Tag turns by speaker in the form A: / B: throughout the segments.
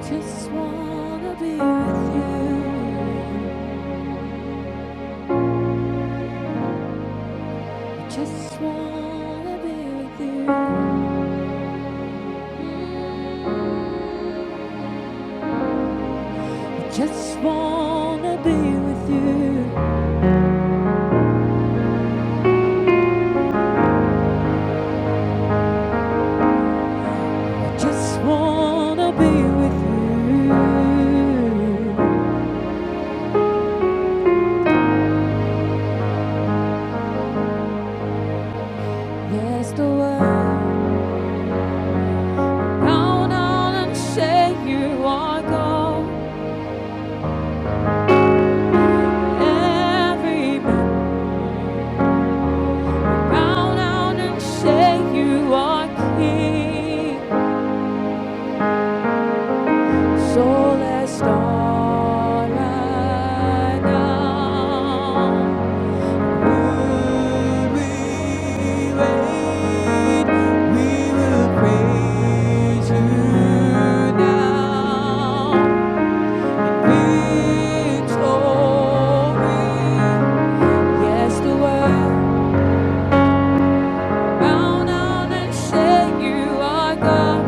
A: Just wanna be with you. Just wanna be with you. Mm. Just wanna be with you. Just wanna be with you. Yes, the world count on and say you are gold. Every man count on and say you are king. Soul as star right now. Would we wait? We will praise you now. Victory. Yes, the world bow down and say you are God.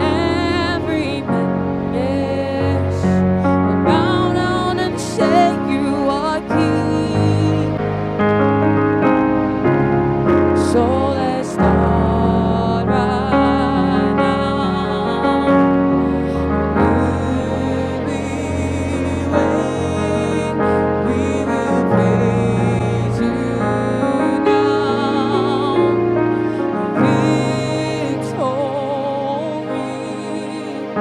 A: Every menace will bow down and say you are king. So let's start right now. We will praise you now. Victory.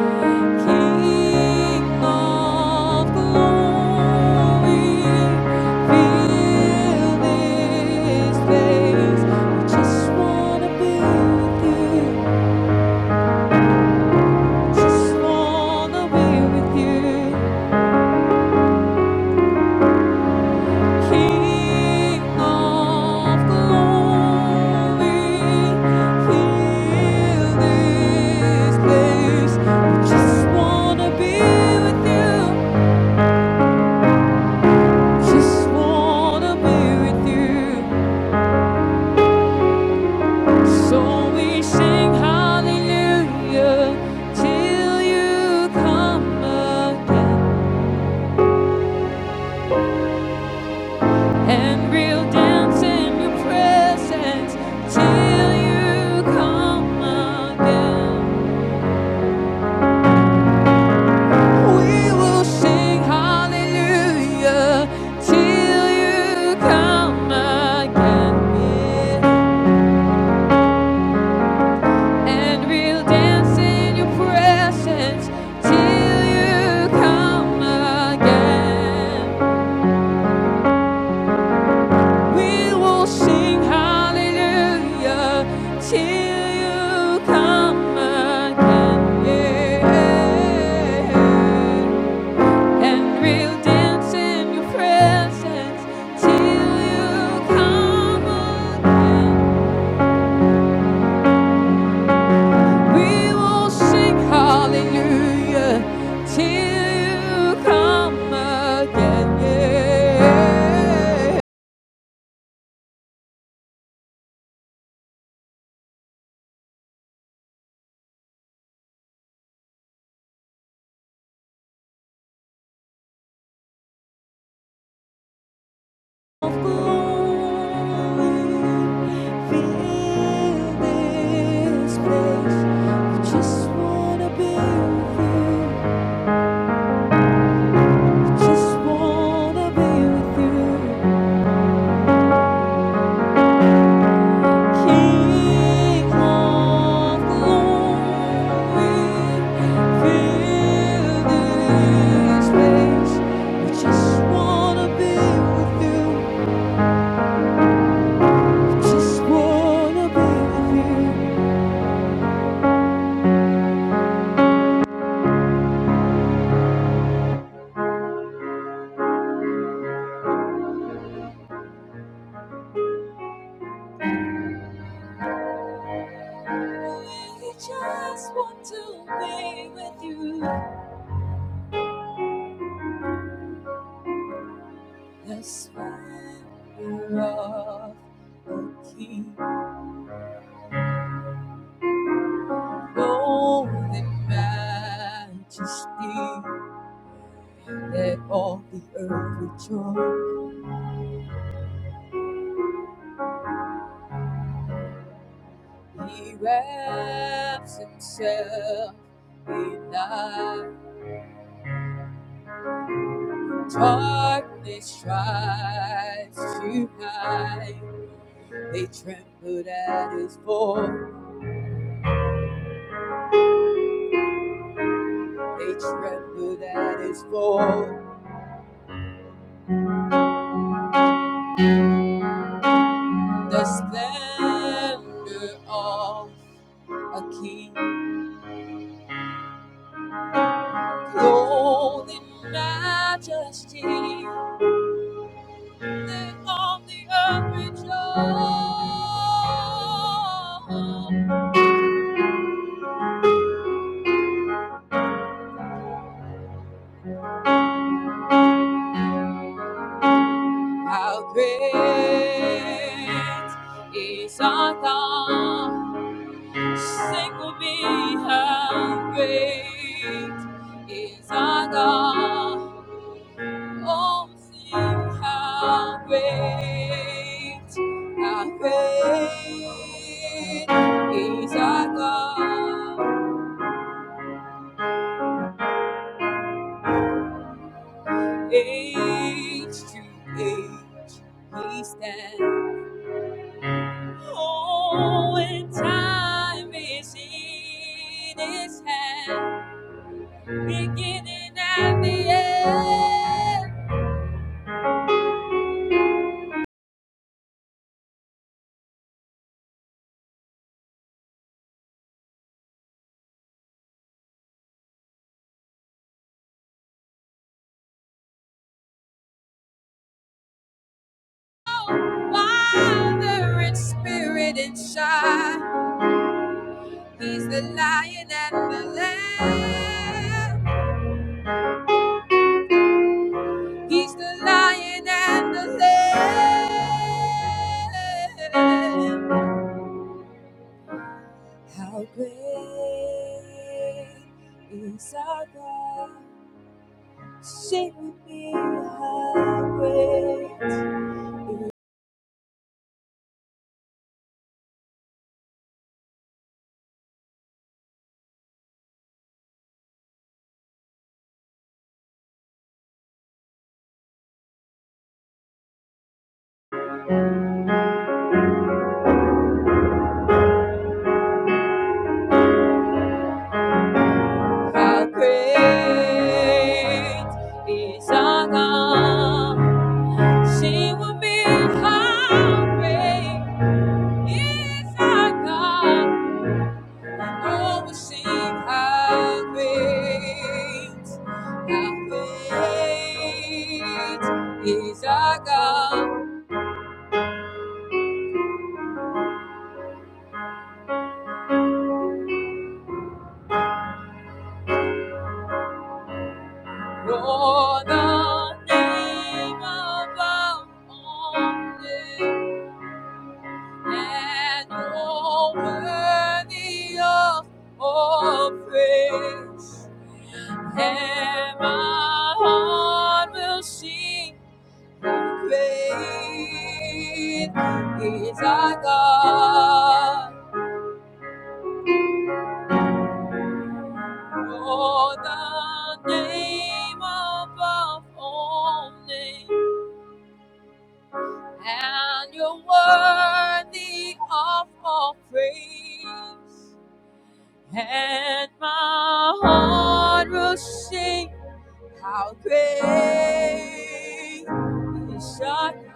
A: King of glory, fill this place. We just wanna be with you. Just wanna be with you. King of glory, fill this place. We just wanna be with you. Just wanna be with you. So we sing hallelujah till you come again. And we'll dance in your presence till you come again. We will sing hallelujah till you come again. Yeah. and we'll dance in your presence till you come again. We will sing hallelujah till you come again. Yeah. And we'll dance in your presence till you come again. We will sing hallelujah till you come again. Yeah. Of glory, fill this place. We just wanna be with you. We just wanna be with you. King of glory, We just wanna be with you. Just wanna be with you. We just want to be with you. That's why we're of a king. Holy majesty, let all the earth rejoice. He wraps himself in night. Darkness tries to hide. They trembled at his voice. They trembled at his voice. The splendor of a king clothed in majesty. Let all the earth rejoice. How great is our God? Sing with me, how great is our God? Oh, sing how great, how great is our God. Age to age, He stands. Oh, when time is in His hand, beginning at the end, Father and Spirit and shine. He's the Lion and the Lamb. He's the Lion and the Lamb. How great is our God? Sing with me how great, how great is our God. Sing with me how great is our God. Oh, we sing how great, how great is our God. Oh, the name above all names. and all worthy of all praise. And my heart will sing, great is our God. Oh, the name above all names, and you're worthy of all praise. and my heart will sing how great is thy good.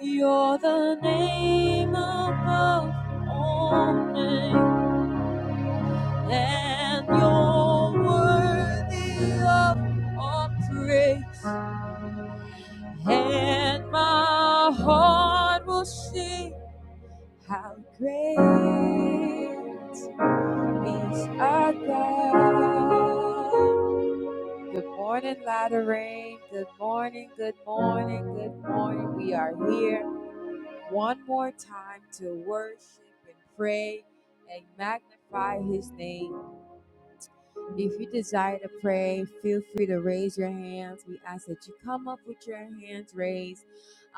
A: You're the name above all names, and you're worthy of all praise. And my heart will sing how great Yes, our God. Good morning, Rain. Good morning, good morning, good morning. We are here one more time to worship and pray and magnify his name. If you desire to pray, feel free to raise your hands. We ask that you come up with your hands raised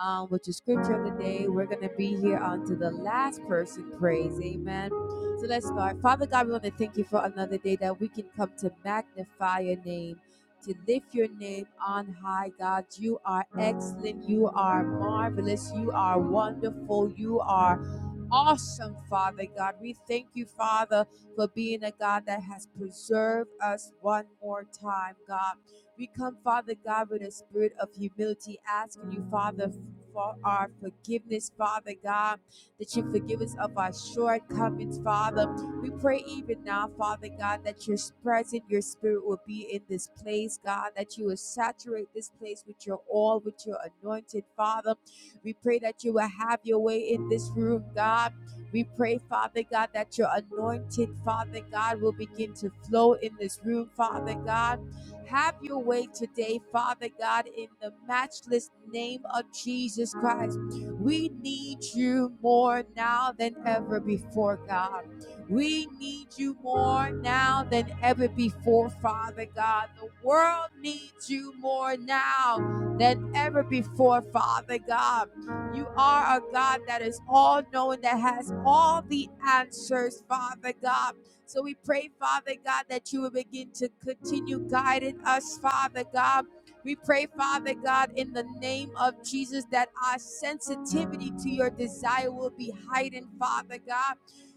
A: um, with your scripture of the day. We're going to be here until the last person prays. Amen. So let's start. Father God, we want to thank you for another day that we can come to magnify your name. To lift your name on high, God. You are excellent. You are marvelous. You are wonderful. You are awesome, Father God. We thank you, Father, for being a God that has preserved us one more time, God. We come, Father God, with a spirit of humility, asking you, Father, for our forgiveness, Father God, that you forgive us of our shortcomings, Father. We pray even now, Father God, that your presence, your spirit will be in this place, God, that you will saturate this place with your oil, with your anointed, Father. We pray that you will have your way in this room, God we pray, Father God, that your anointing, Father God, will begin to flow in this room, Father God. Have your way today, Father God, in the matchless name of Jesus Christ. We need you more now than ever before, God. We need you more now than ever before, Father God. The world needs you more now than ever before, Father God. You are a God that is all knowing, that has all the answers, Father God. So we pray, Father God, that you will begin to continue guiding us, Father God. We pray, Father God, in the name of Jesus, that our sensitivity to your desire will be heightened, Father God.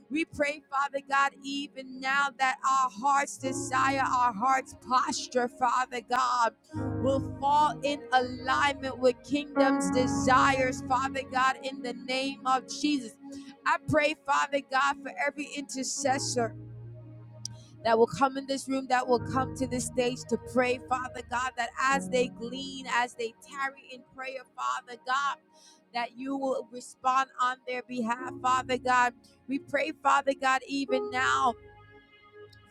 A: We pray, Father God, even now that our hearts desire, our hearts posture, Father God will fall in alignment with kingdom's desires, Father God, in the name of Jesus. I pray, Father God, for every intercessor that will come in this room, that will come to this stage to pray, Father God, that as they glean, as they tarry in prayer, Father God, that you will respond on their behalf, Father God. We pray, Father God, even now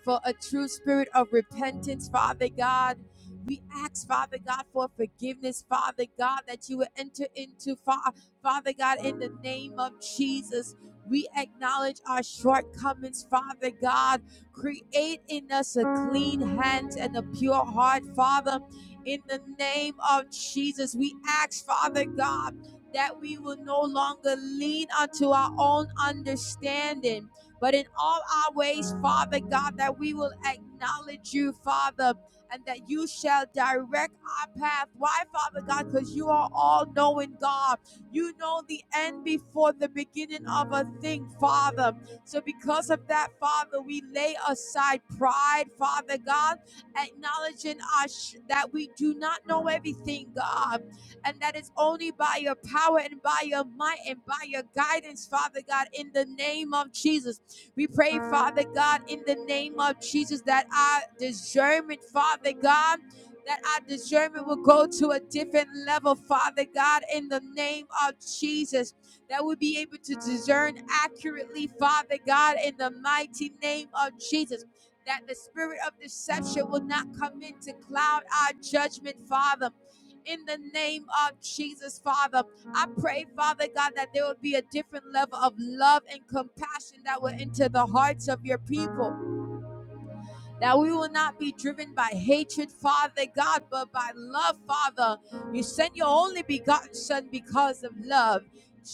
A: for a true spirit of repentance, Father God. We ask, Father God, for forgiveness, Father God, that you would enter into, Fa- Father God, in the name of Jesus. We acknowledge our shortcomings, Father God. Create in us a clean hand and a pure heart, Father. In the name of Jesus, we ask, Father God, that we will no longer lean unto our own understanding but in all our ways, Father God, that we will acknowledge you, Father, and that you shall direct our path. Why, Father God? Because you are all knowing God. You know the end before the beginning of a thing, Father. So, because of that, Father, we lay aside pride, Father God, acknowledging us that we do not know everything, God, and that it's only by your power and by your might and by your guidance, Father God, in the name of Jesus. We pray, Father God, in the name of Jesus, that our discernment, Father God, that our discernment will go to a different level, Father God, in the name of Jesus, that we'll be able to discern accurately, Father God, in the mighty name of Jesus. That the spirit of deception will not come in to cloud our judgment, Father. In the name of Jesus, Father. I pray, Father God, that there will be a different level of love and compassion that will enter the hearts of your people that we will not be driven by hatred, Father God, but by love, Father. You sent your only begotten Son because of love.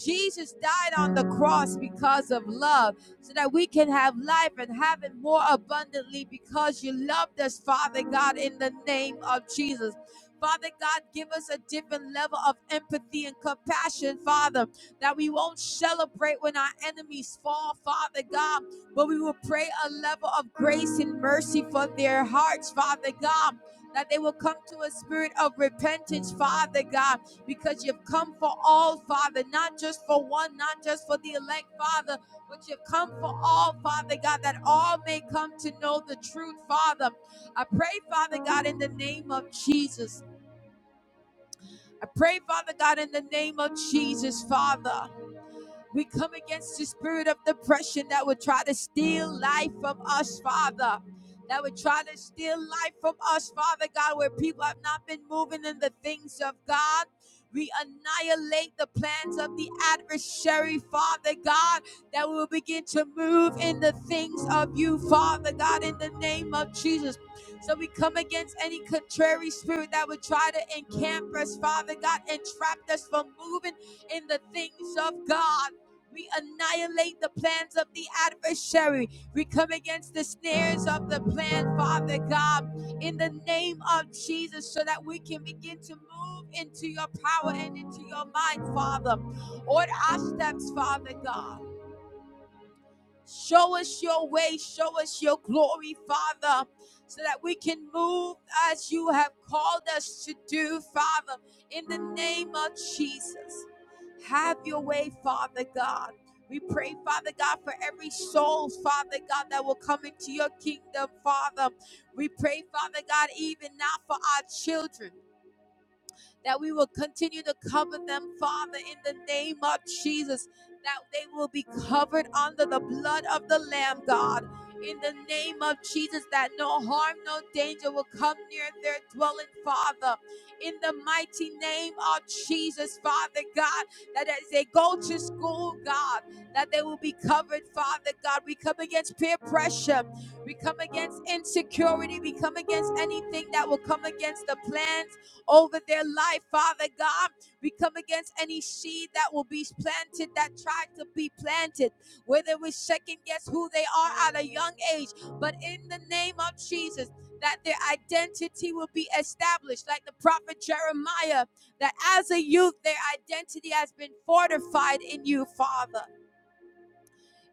A: Jesus died on the cross because of love, so that we can have life and have it more abundantly because you loved us, Father God, in the name of Jesus. Father God, give us a different level of empathy and compassion, Father, that we won't celebrate when our enemies fall, Father God, but we will pray a level of grace and mercy for their hearts, Father God. That they will come to a spirit of repentance, Father God, because you've come for all, Father, not just for one, not just for the elect, Father, but you've come for all, Father God, that all may come to know the truth, Father. I pray, Father God, in the name of Jesus. I pray, Father God, in the name of Jesus, Father. We come against the spirit of depression that would try to steal life from us, Father. That would try to steal life from us, Father God, where people have not been moving in the things of God. We annihilate the plans of the adversary, Father God, that we will begin to move in the things of you, Father God, in the name of Jesus. So we come against any contrary spirit that would try to encamp us, Father God, and trap us from moving in the things of God. We annihilate the plans of the adversary. We come against the snares of the plan, Father God, in the name of Jesus, so that we can begin to move into your power and into your mind, Father. Order our steps, Father God. Show us your way, show us your glory, Father, so that we can move as you have called us to do, Father, in the name of Jesus. Have your way, Father God. We pray, Father God, for every soul, Father God, that will come into your kingdom, Father. We pray, Father God, even now for our children that we will continue to cover them, Father, in the name of Jesus, that they will be covered under the blood of the Lamb, God. In the name of Jesus, that no harm, no danger will come near their dwelling, Father. In the mighty name of Jesus, Father God, that as they go to school, God, that they will be covered, Father God. We come against peer pressure. We come against insecurity. We come against anything that will come against the plans over their life, Father God. We come against any seed that will be planted that tried to be planted, where they will second guess who they are at a young age. But in the name of Jesus, that their identity will be established, like the prophet Jeremiah, that as a youth, their identity has been fortified in you, Father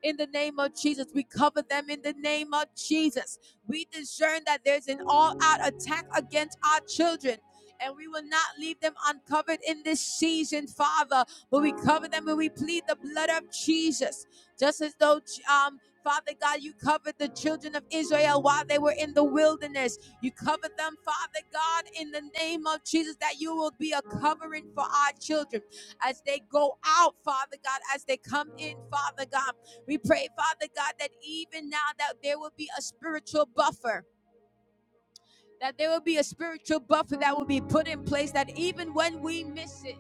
A: in the name of Jesus. We cover them in the name of Jesus. We discern that there's an all out attack against our children. And we will not leave them uncovered in this season, Father. But we cover them and we plead the blood of Jesus. Just as though, um, Father God, you covered the children of Israel while they were in the wilderness. You covered them, Father God, in the name of Jesus, that you will be a covering for our children as they go out, Father God, as they come in, Father God. We pray, Father God, that even now that there will be a spiritual buffer that there will be a spiritual buffer that will be put in place that even when we miss it,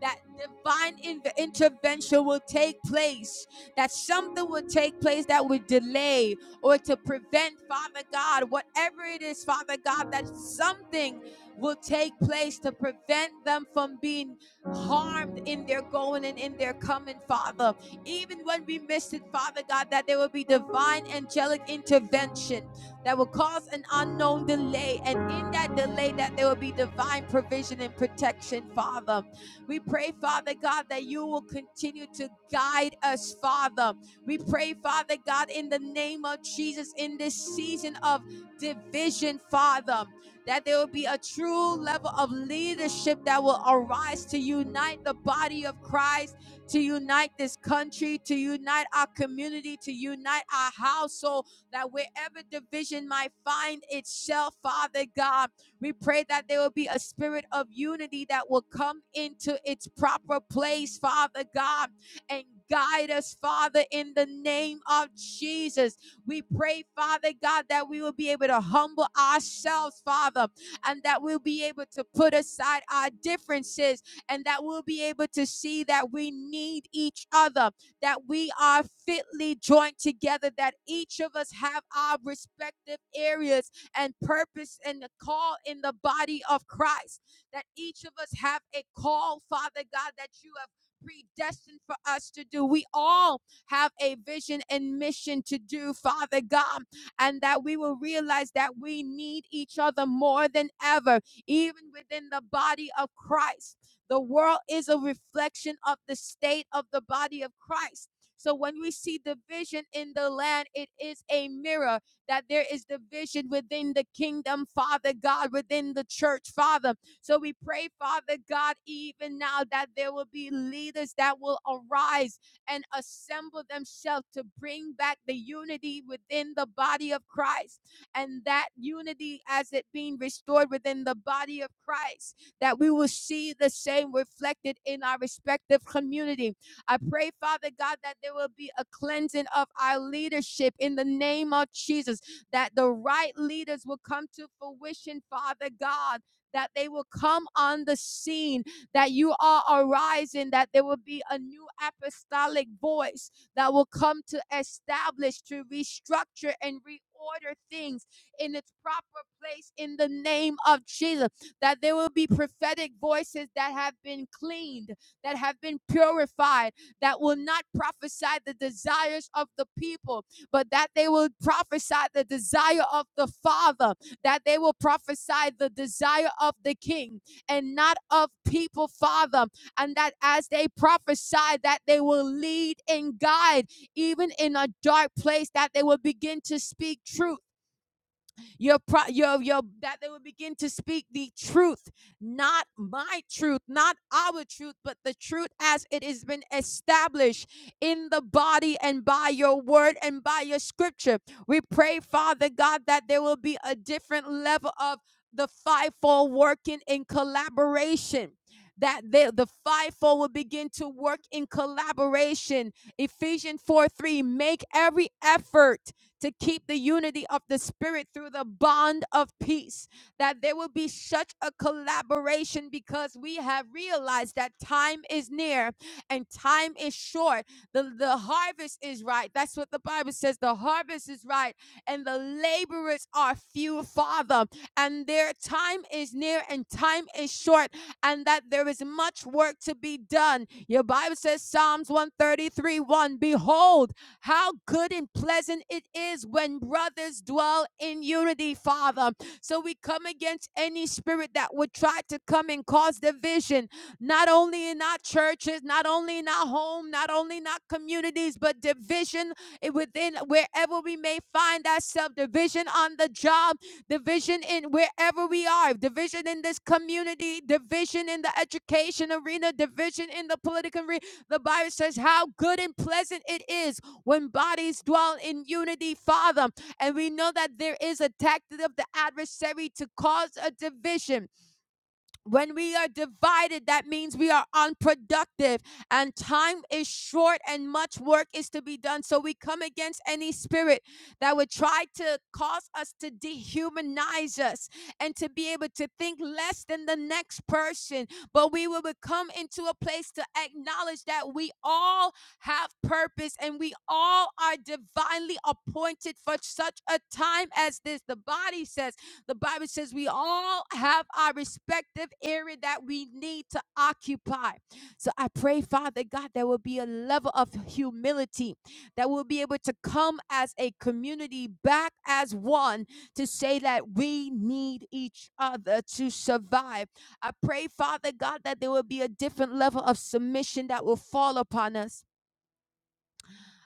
A: that divine in- intervention will take place, that something will take place that would delay or to prevent, Father God, whatever it is, Father God, that something will take place to prevent them from being harmed in their going and in their coming, Father. Even when we miss it, Father God, that there will be divine angelic intervention that will cause an unknown delay. And in that delay, that there will be divine provision and protection, Father. We pray, Father God, that you will continue to guide us, Father. We pray, Father God, in the name of Jesus, in this season of division, Father, that there will be a true level of leadership that will arise to unite the body of Christ, to unite this country, to unite our community, to unite our household that wherever division might find itself, Father God, we pray that there will be a spirit of unity that will come into its proper place, Father God, and guide us, Father, in the name of Jesus. We pray, Father God, that we will be able to humble ourselves, Father, and that we'll be able to put aside our differences and that we'll be able to see that we need each other that we are fitly joined together, that each of us have our respective areas and purpose and the call in the body of Christ, that each of us have a call, Father God, that you have predestined for us to do. We all have a vision and mission to do, Father God, and that we will realize that we need each other more than ever, even within the body of Christ the world is a reflection of the state of the body of Christ. So when we see division in the land, it is a mirror that there is division within the kingdom, Father God, within the church, Father. So we pray, Father God, even now that there will be leaders that will arise and assemble themselves to bring back the unity within the body of Christ and that unity as it being restored within the body of Christ that we will see the same reflected in our respective community. I pray, Father God, that there will be a cleansing of our leadership in the name of Jesus, that the right leaders will come to fruition, Father God. That they will come on the scene, that you are arising, that there will be a new apostolic voice that will come to establish, to restructure, and reorder things in its proper place in the name of Jesus that there will be prophetic voices that have been cleaned, that have been purified, that will not prophesy the desires of the people, but that they will prophesy the desire of the Father, that they will prophesy the desire of the King and not of people, Father, and that as they prophesy, that they will lead and guide even in a dark place, that they will begin to speak truth your pro your your that they will begin to speak the truth, not my truth, not our truth, but the truth as it has been established in the body and by your word and by your scripture. We pray, Father God, that there will be a different level of the fivefold working in collaboration. That the, the fivefold will begin to work in collaboration. Ephesians 4 3, make every effort to keep the unity of the Spirit through the bond of peace, that there will be such a collaboration because we have realized that time is near and time is short. The, the harvest is right. That's what the Bible says. The harvest is right, and the laborers are few, Father, and their time is near and time is short, and that there is much work to be done. Your Bible says, Psalms 133 1 Behold, how good and pleasant it is when brothers dwell in unity, Father. So we come against any spirit that would try to come and cause division, not only in our churches, not only in our home, not only in our communities, but division within wherever we may find ourselves, division on the job, division in wherever we are, division in this community, division in the education arena, division in the political arena. The Bible says how good and pleasant it is when bodies dwell in unity, Father. And we know that there is a tactic of the adversary to cause a division when we are divided, that means we are unproductive and time is short and much work is to be done. So we come against any spirit that would try to cause us to dehumanize us and to be able to think less than the next person. But we will come into a place to acknowledge that we all have purpose and we all are divinely appointed for such a time as this. The body says, the Bible says we all have our respective area that we need to occupy. So I pray, Father God, there will be a level of humility that will be able to come as a community back as one to say that we need each other to survive. I pray, Father God, that there will be a different level of submission that will fall upon us.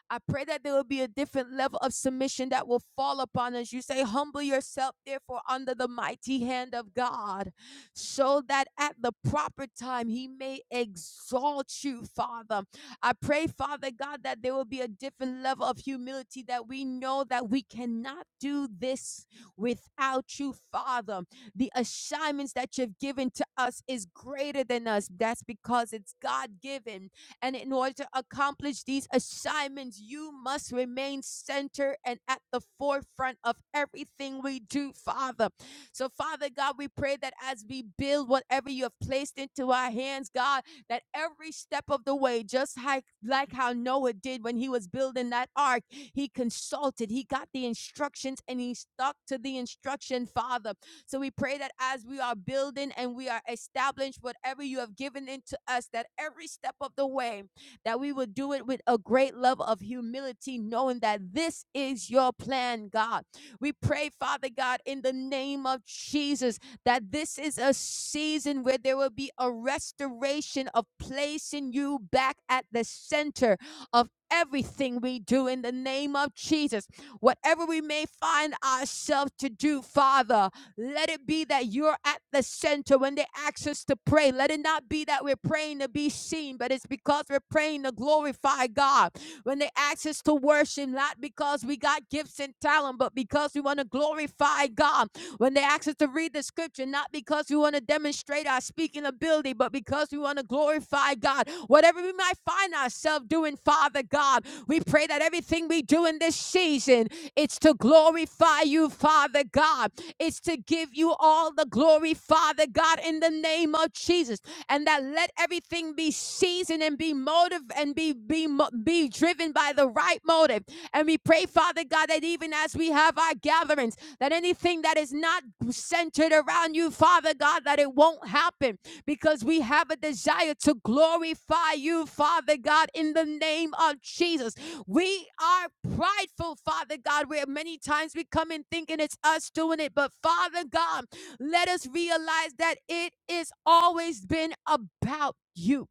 A: I pray that there will be a different level of submission that will fall upon us. You say, humble yourself, therefore, under the mighty hand of God, so that at the proper time he may exalt you, Father. I pray, Father God, that there will be a different level of humility that we know that we cannot do this without you, Father. The assignments that you've given to us is greater than us. That's because it's God given and in order to accomplish these assignments, you must remain centered and at the forefront of everything we do, Father. So, Father God, we pray that as we build whatever you have placed into our hands, God, that every step of the way, just like, like how Noah did when he was building that ark, he consulted, he got the instructions, and he stuck to the instruction, Father. So we pray that as we are building and we are established, whatever you have given into us, that every step of the way, that we will do it with a great love of humility, knowing that this is your plan, God. We pray, Father God, in the name of Jesus, that this is a season where there will be a restoration of placing you back at the center of everything we do in the name of Jesus. Whatever we may find ourselves to do, Father, let it be that you're at the center when they ask us to pray. Let it not be that we're praying to be seen, but it's because we're praying to glorify God. When they ask us to worship, not because we got gifts and talent, but because we want to glorify God when they ask us to read the scripture, not because we want to demonstrate our speaking ability, but because we want to glorify God. Whatever we might find ourselves doing, Father God, we pray that everything we do in this season, it's to glorify you, Father God. It's to give you all the glory, Father God, in the name of Jesus. And that let everything be seasoned and be motive and be be mo- be driven by the right motive and we pray, Father God, that even as we have our gatherings, that anything that is not centered around you, Father God, that it won't happen because we have a desire to glorify you, Father God, in the name of Jesus. We are prideful, Father God, where many times we come in thinking it's us doing it. But Father God, let us realize that it is always been about you.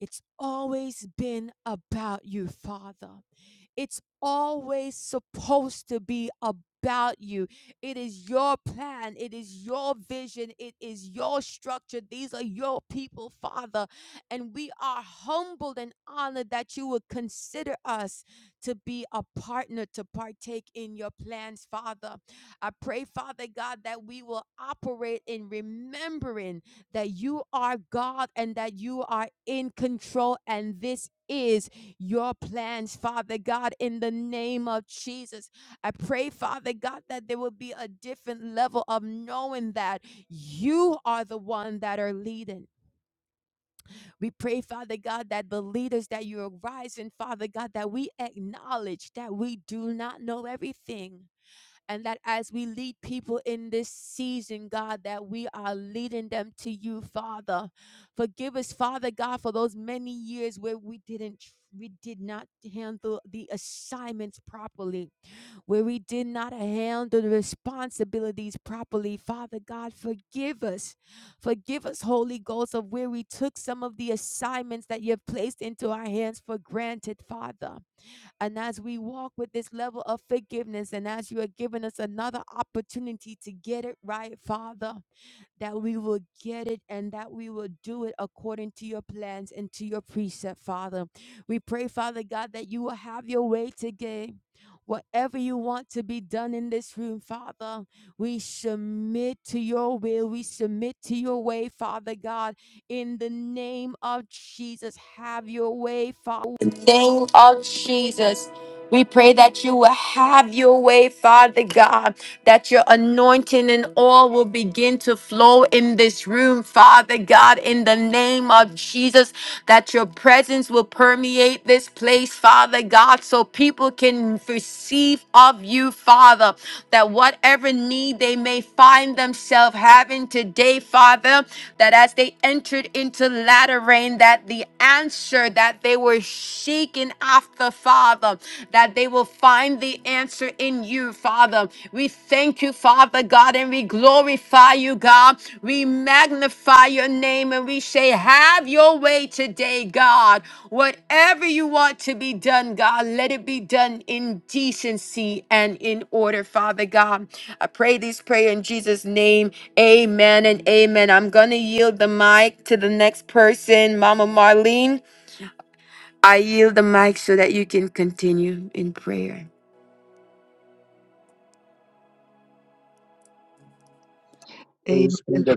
A: It's always been about you, Father. It's always supposed to be about you. It is your plan, it is your vision, it is your structure. These are your people, Father. And we are humbled and honored that you would consider us to be a partner to partake in your plans, Father. I pray, Father God, that we will operate in remembering that you are God and that you are in control, and this is your plans, Father God, in the name of Jesus. I pray, Father God, that there will be a different level of knowing that you are the one that are leading. We pray, Father God, that the leaders that you are rising, Father God, that we acknowledge that we do not know everything and that as we lead people in this season, God, that we are leading them to you, Father. Forgive us, Father God, for those many years where we didn't we did not handle the assignments properly, where we did not handle the responsibilities properly. Father God, forgive us. Forgive us, Holy Ghost, of where we took some of the assignments that you have placed into our hands for granted, Father. And as we walk with this level of forgiveness, and as you are giving us another opportunity to get it right, Father, that we will get it and that we will do it according to your plans and to your precept, Father. We pray, Father God, that you will have your way today. Whatever you want to be done in this room, Father, we submit to your will. We submit to your way, Father God. In the name of Jesus, have your way, Father. In the name of Jesus, we pray that you will have your way, Father God that your anointing and oil will begin to flow in this room, Father God, in the name of Jesus, that your presence will permeate this place, Father God, so people can receive of you, Father, that whatever need they may find themselves having today, Father, that as they entered into latter rain, that the answer that they were seeking after, Father, that they will find the answer in you, Father, we thank you, Father God, and we glorify you, God. We magnify your name and we say, Have your way today, God. Whatever you want to be done, God, let it be done in decency and in order, Father God. I pray this prayer in Jesus' name. Amen and amen. I'm going to yield the mic to the next person, Mama Marlene. I yield the mic so that you can continue in prayer.
B: Amen.
C: Praise be
B: Praise
C: to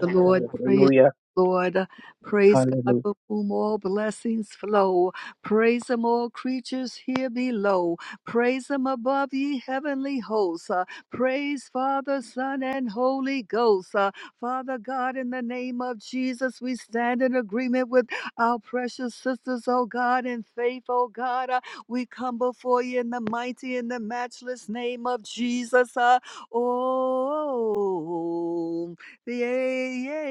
B: the Lord. Praise
C: Hallelujah.
B: the Lord. Praise God
C: Hallelujah.
B: for whom all blessings flow. Praise Him, all creatures here below. Praise Him above, ye heavenly hosts. Uh, praise Father, Son, and Holy Ghost. Uh, Father God, in the name of Jesus, we stand in agreement with our precious sisters, oh God, in faith, oh God. Uh, we come before you in the mighty and the matchless name of Jesus. Uh, oh. Yeah, yeah,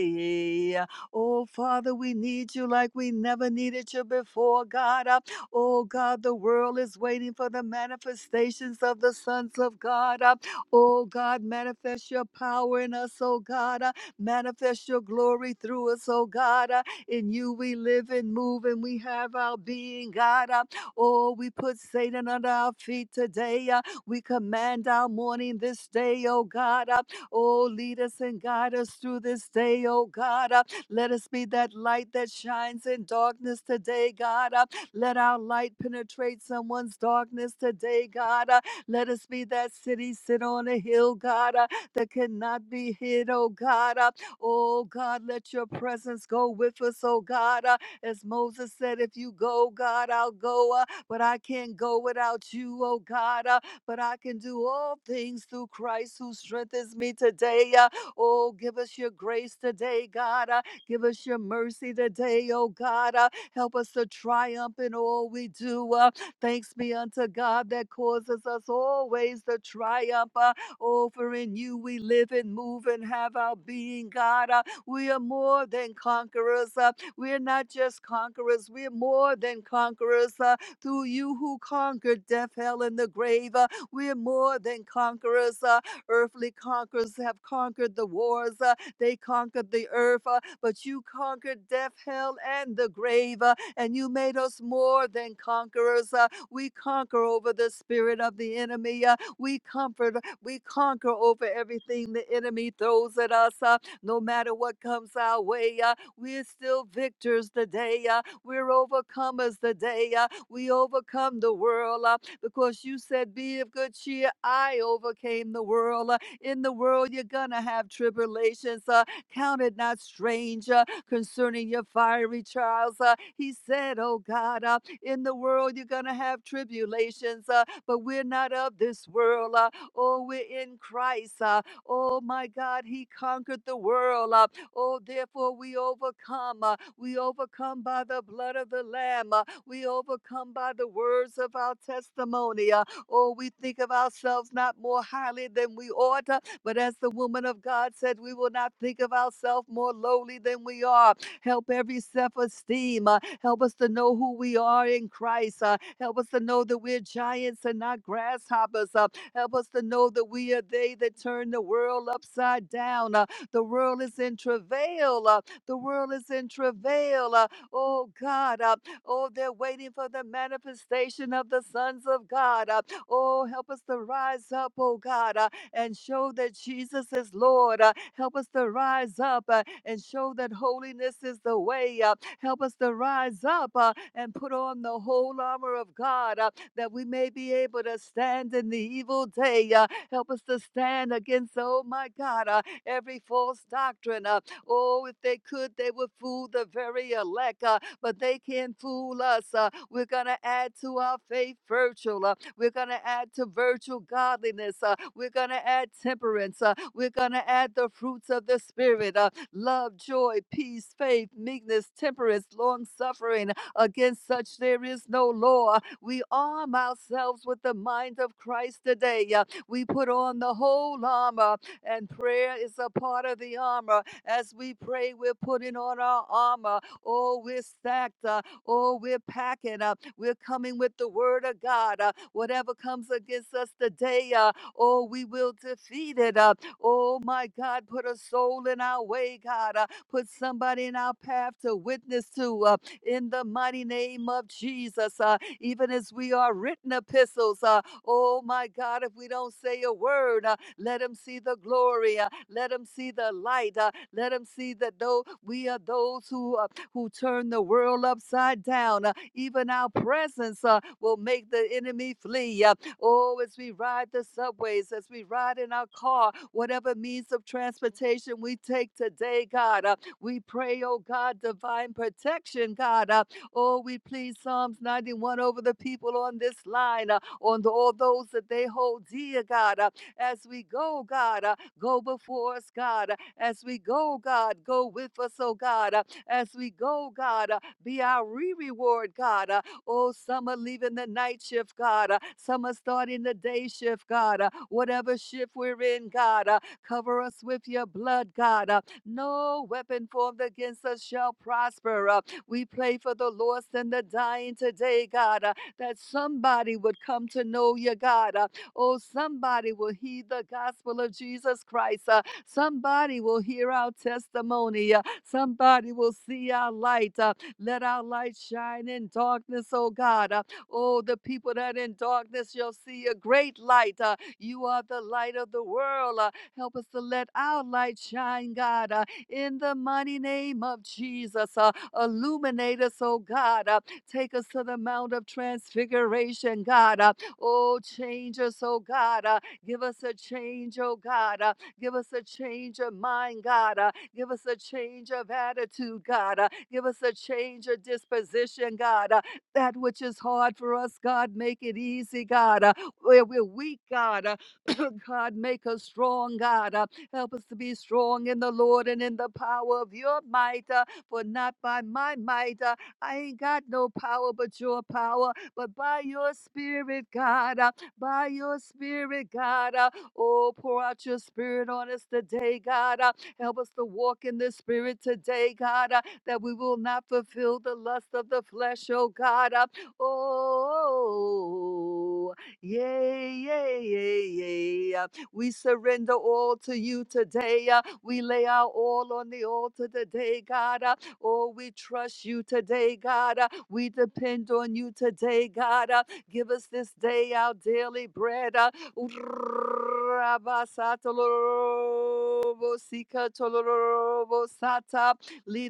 B: yeah! Oh, Father, we need you like we never needed you before, God. Uh, Oh, God, the world is waiting for the manifestations of the sons of God. Uh, Oh, God, manifest your power in us, oh, God. Uh, Manifest your glory through us, oh, God. Uh, In you we live and move and we have our being, God. Uh, Oh, we put Satan under our feet today. Uh, We command our morning this day, oh, God. Uh, Oh, lead us and guide us through this day, oh God. Uh, Let us be that light that shines in darkness today, God. Uh, Let our light penetrate someone's darkness today, God. Uh, Let us be that city sit on a hill, God, uh, that cannot be hid, oh God. Uh, Oh God, let your presence go with us, oh God. Uh, As Moses said, if you go, God, I'll go, uh, but I can't go without you, oh God. Uh, but I can do all things through Christ who strengthens me today. Uh, Oh, give us your grace today, God. Uh, Give us your mercy today, oh God. Uh, Help us to triumph in all we do. Uh, Thanks be unto God that causes us always to triumph. Uh, Oh, for in you we live and move and have our being, God. Uh, We are more than conquerors. Uh, We are not just conquerors, we are more than conquerors. Uh, Through you who conquered death, hell, and the grave. Uh, we're more than conquerors. Uh, earthly conquerors have conquered the wars. Uh, they conquered the earth, uh, but you conquered death, hell, and the grave. Uh, and you made us more than conquerors. Uh, we conquer over the spirit of the enemy. Uh, we comfort, we conquer over everything the enemy throws at us. Uh, no matter what comes our way, uh, we're still victors today. Uh, we're overcomers today. Uh, we overcome the world uh, because you said, Be of good cheer. I overcame the world. uh. In the world, you're going to have tribulations. Uh, count it not strange uh, concerning your fiery trials. Uh, he said, Oh God, uh, in the world, you're going to have tribulations, uh, but we're not of this world. Uh, oh, we're in Christ. Uh, oh, my God, He conquered the world. Uh, Oh, therefore we overcome. uh, We overcome by the blood of the Lamb. uh, We overcome by the words of our testimony. uh, Oh, we think of ourselves not more highly than we ought, uh, but as the woman of God said, we will not think of ourselves more lowly than we are. Help every self esteem. Help us to know who we are in Christ. uh, Help us to know that we're giants and not grasshoppers. uh, Help us to know that we are they that turn the world upside down. uh, the world is in travail. uh, The world is in travail. uh, Oh God. uh, Oh, they're waiting for the manifestation of the sons of God. uh, Oh, help us to rise up, oh God, uh, and show that Jesus is Lord. uh, Help us to rise up uh, and show that holiness is the way. uh, Help us to rise up uh, and put on the whole armor of God uh, that we may be able to stand in the evil day. uh, Help us to stand against, oh my God, uh, every false doctrine. Uh, oh, if they could, they would fool the very elect, uh, but they can't fool us. Uh, we're going to add to our faith virtue. Uh, we're going to add to virtue godliness. Uh, we're going to add temperance. Uh, we're going to add the fruits of the Spirit uh, love, joy, peace, faith, meekness, temperance, long suffering. Against such there is no law. We arm ourselves with the mind of Christ today. Uh, we put on the whole armor and prayer is a part of the armor. As we pray, we're putting on our armor. Oh, we're stacked. up. oh, we're packing up. We're coming with the word of God. Uh, whatever comes against us today, uh, oh, we will defeat it. Uh, oh, my God, put a soul in our way, God. Uh, put somebody in our path to witness to uh, in the mighty name of Jesus. Uh, even as we are written epistles, uh, oh, my God, if we don't say a word, uh, let them see the glory. uh, Let them see the light. uh, Let them see that though we are those who uh, who turn the world upside down, uh, even our presence uh, will make the enemy flee. uh, Oh, as we ride the subways, as we ride in our car, whatever means of transportation we take today, God, uh, we pray, oh God, divine protection, God. Uh, oh, we plead Psalms 91 over the people on this line, uh, on the, all those that they hold dear, God. Uh, as we go, God. Uh, Go before us, God. Uh, As we go, God, go with us, oh God. Uh, As we go, God, uh, be our re reward, God. Uh, Oh, some are leaving the night shift, God. Uh, Some are starting the day shift, God. Uh, Whatever shift we're in, God, uh, cover us with your blood, God. Uh, No weapon formed against us shall prosper. Uh, We pray for the lost and the dying today, God, uh, that somebody would come to know you, God. Uh, Oh, somebody will hear the gospel of Jesus Christ. Uh, somebody will hear our testimony. Uh, somebody will see our light. Uh, let our light shine in darkness, oh God. Uh, oh, the people that in darkness shall see a great light. Uh, you are the light of the world. Uh, help us to let our light shine, God, uh, in the mighty name of Jesus. Uh, illuminate us, oh God. Uh, take us to the Mount of Transfiguration, God. Uh, Oh, change us, oh God. Uh, give us a change, oh God. Uh, give us a change of mind, God. Uh, give us a change of attitude, God. Uh, give us a change of disposition, God. Uh, that which is hard for us, God, make it easy, God. Uh, where we're weak, God. Uh, God, make us strong, God. Uh, help us to be strong in the Lord and in the power of your might. Uh, for not by my might, uh, I ain't got no power but your power but by your spirit, God, uh, by your spirit, God, uh, oh, pour out your spirit on us today, God. uh, help us to walk in the spirit today, God, uh, that we will not fulfill the lust of the flesh, oh, God. uh, oh, yay, yay, yay, yay. uh, we surrender all to you today. uh, we lay our all on the altar today, God. uh, Oh, we trust you today, God. Uh, we depend on you today, God. Uh, give us this day our daily bread. Uh, Lead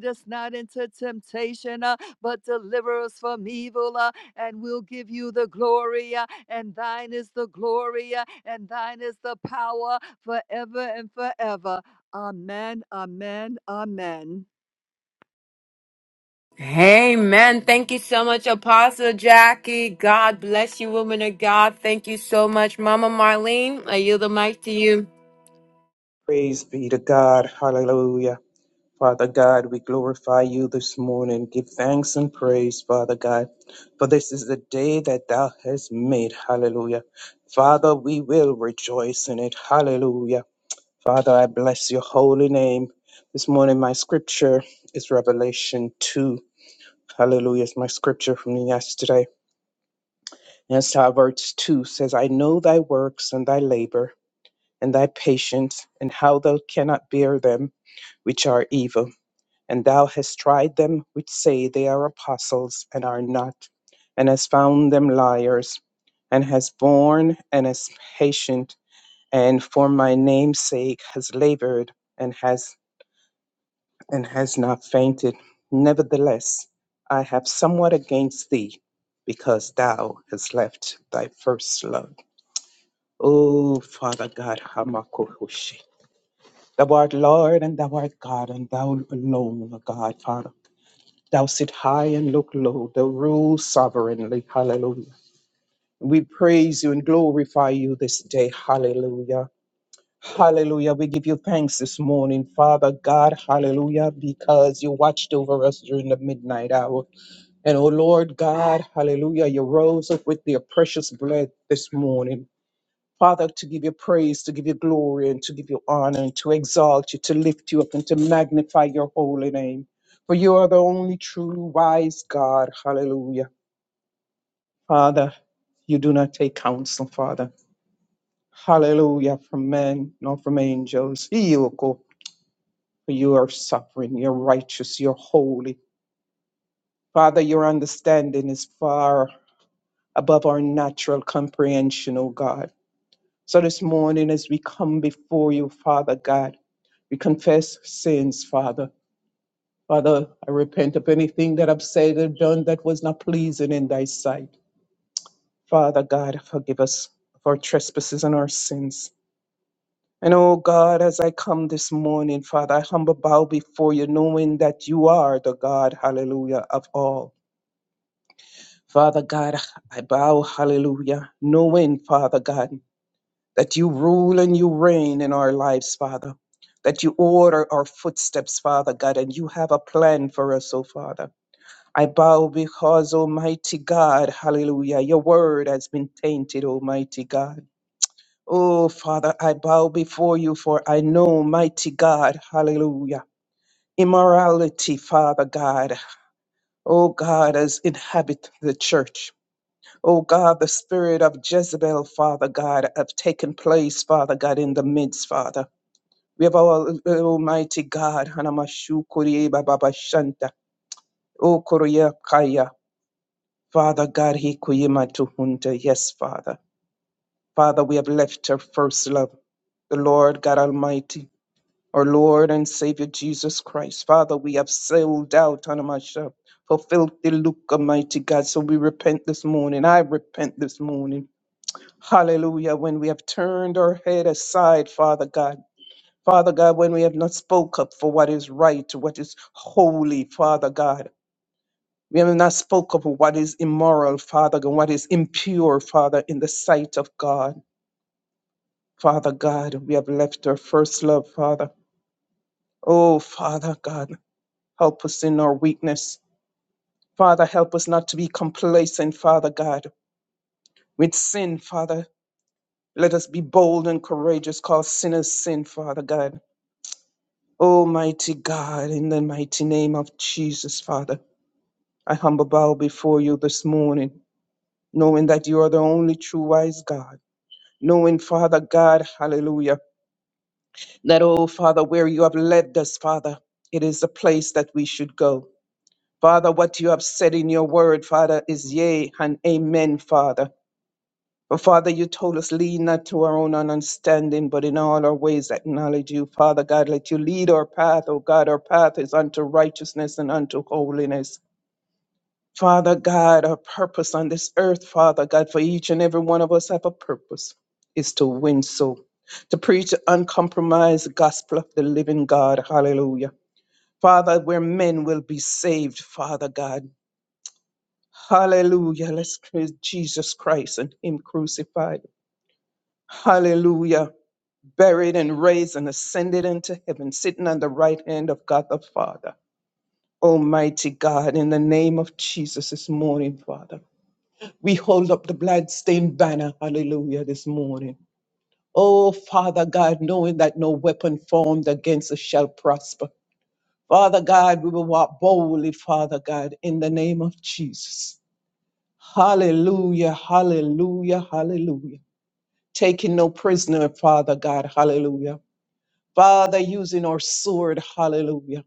B: us not into temptation, uh, but deliver us from evil. Uh, and we'll give you the glory, uh, and thine is the glory, uh, and thine is the power forever and forever. Amen, amen, amen.
A: Amen. Thank you so much, Apostle Jackie. God bless you, woman of God. Thank you so much, Mama Marlene. I yield the mic to you.
C: Praise be to God. Hallelujah. Father God, we glorify you this morning. Give thanks and praise, Father God, for this is the day that thou hast made. Hallelujah. Father, we will rejoice in it. Hallelujah. Father, I bless your holy name. This morning, my scripture is Revelation 2. Hallelujah. It's my scripture from yesterday. And it's Proverbs 2 says, I know thy works and thy labor and thy patience, and how thou cannot bear them which are evil. And thou hast tried them which say they are apostles and are not, and hast found them liars, and hast borne and is patient, and for my name's sake has labored and has and has not fainted. Nevertheless, I have somewhat against thee, because thou hast left thy first love. Oh, Father God, Thou art Lord and thou art God, and thou alone, O God, Father. Thou sit high and look low, thou rule sovereignly. Hallelujah. We praise you and glorify you this day. Hallelujah. Hallelujah. We give you thanks this morning, Father God. Hallelujah. Because you watched over us during the midnight hour. And oh Lord God, hallelujah. You rose up with your precious blood this morning. Father, to give you praise, to give you glory, and to give you honor, and to exalt you, to lift you up, and to magnify your holy name. For you are the only true, wise God. Hallelujah. Father, you do not take counsel, Father. Hallelujah. From men, nor from angels. Iyoko. For you are sovereign, you're righteous, you're holy. Father, your understanding is far above our natural comprehension, O God. So this morning, as we come before you, Father God, we confess sins, Father. Father, I repent of anything that I've said or done that was not pleasing in thy sight. Father God, forgive us of our trespasses and our sins. And oh God, as I come this morning, Father, I humble bow before you, knowing that you are the God, hallelujah, of all. Father God, I bow, hallelujah, knowing, Father God. that you rule and you reign in our lives, Father, that you order our footsteps, Father God, and you have a plan for us, oh Father. I bow because, Almighty God, hallelujah, your word has been tainted, Almighty God. Oh, Father, I bow before you, for I know, mighty God, hallelujah. Immorality, Father God, oh God, has inhabit the church. Oh God, the spirit of Jezebel, Father God, have taken place, Father God, in the midst, Father. We have our uh, Almighty God, Hanamashu Kuriye Baba Shanta, O Korea Kaya, Father God, He Hikuyima Tuhunta, yes, Father. Father, we have left our first love, the Lord God Almighty, our Lord and Savior Jesus Christ. Father, we have sailed out, Hanamasha, fulfilled the look, Almighty God. So we repent this morning. I repent this morning. Hallelujah. When we have turned our head aside, Father God. Father God, when we have not spoke up for what is right, what is holy, Father God. We have not spoke up for what is immoral, Father God, what is impure, Father, in the sight of God. Father God, we have left our first love, Father. Oh, Father God, help us in our weakness. Father, help us not to be complacent, Father God, with sin, Father. Let us be bold and courageous, call sinners sin, Father God. Almighty God, in the mighty name of Jesus, Father. I humble bow before you this morning, knowing that you are the only true wise God. Knowing, Father God, hallelujah, that, oh, Father, where you have led us, Father, it is the place that we should go. Father, what you have said in your word, Father, is yea and amen, Father. But Father, you told us, lean not to our own understanding, but in all our ways acknowledge you. Father God, let you lead our path, O God. Our path is unto righteousness and unto holiness. Father God, our purpose on this earth, Father God, for each and every one of us have a purpose, is to win soul, to preach the uncompromised gospel of the living God. Hallelujah. Father, where men will be saved, Father God. Hallelujah. Let's praise Jesus Christ and Him crucified. Hallelujah. Buried and raised and ascended into heaven, sitting on the right hand of God the Father. Almighty God, in the name of Jesus this morning, Father. We hold up the bloodstained banner, hallelujah, this morning. Oh, Father God, knowing that no weapon formed against us shall prosper. Father God, we will walk boldly, Father God, in the name of Jesus. Hallelujah, hallelujah, hallelujah. Taking no prisoner, Father God, hallelujah. Father, using our sword, hallelujah.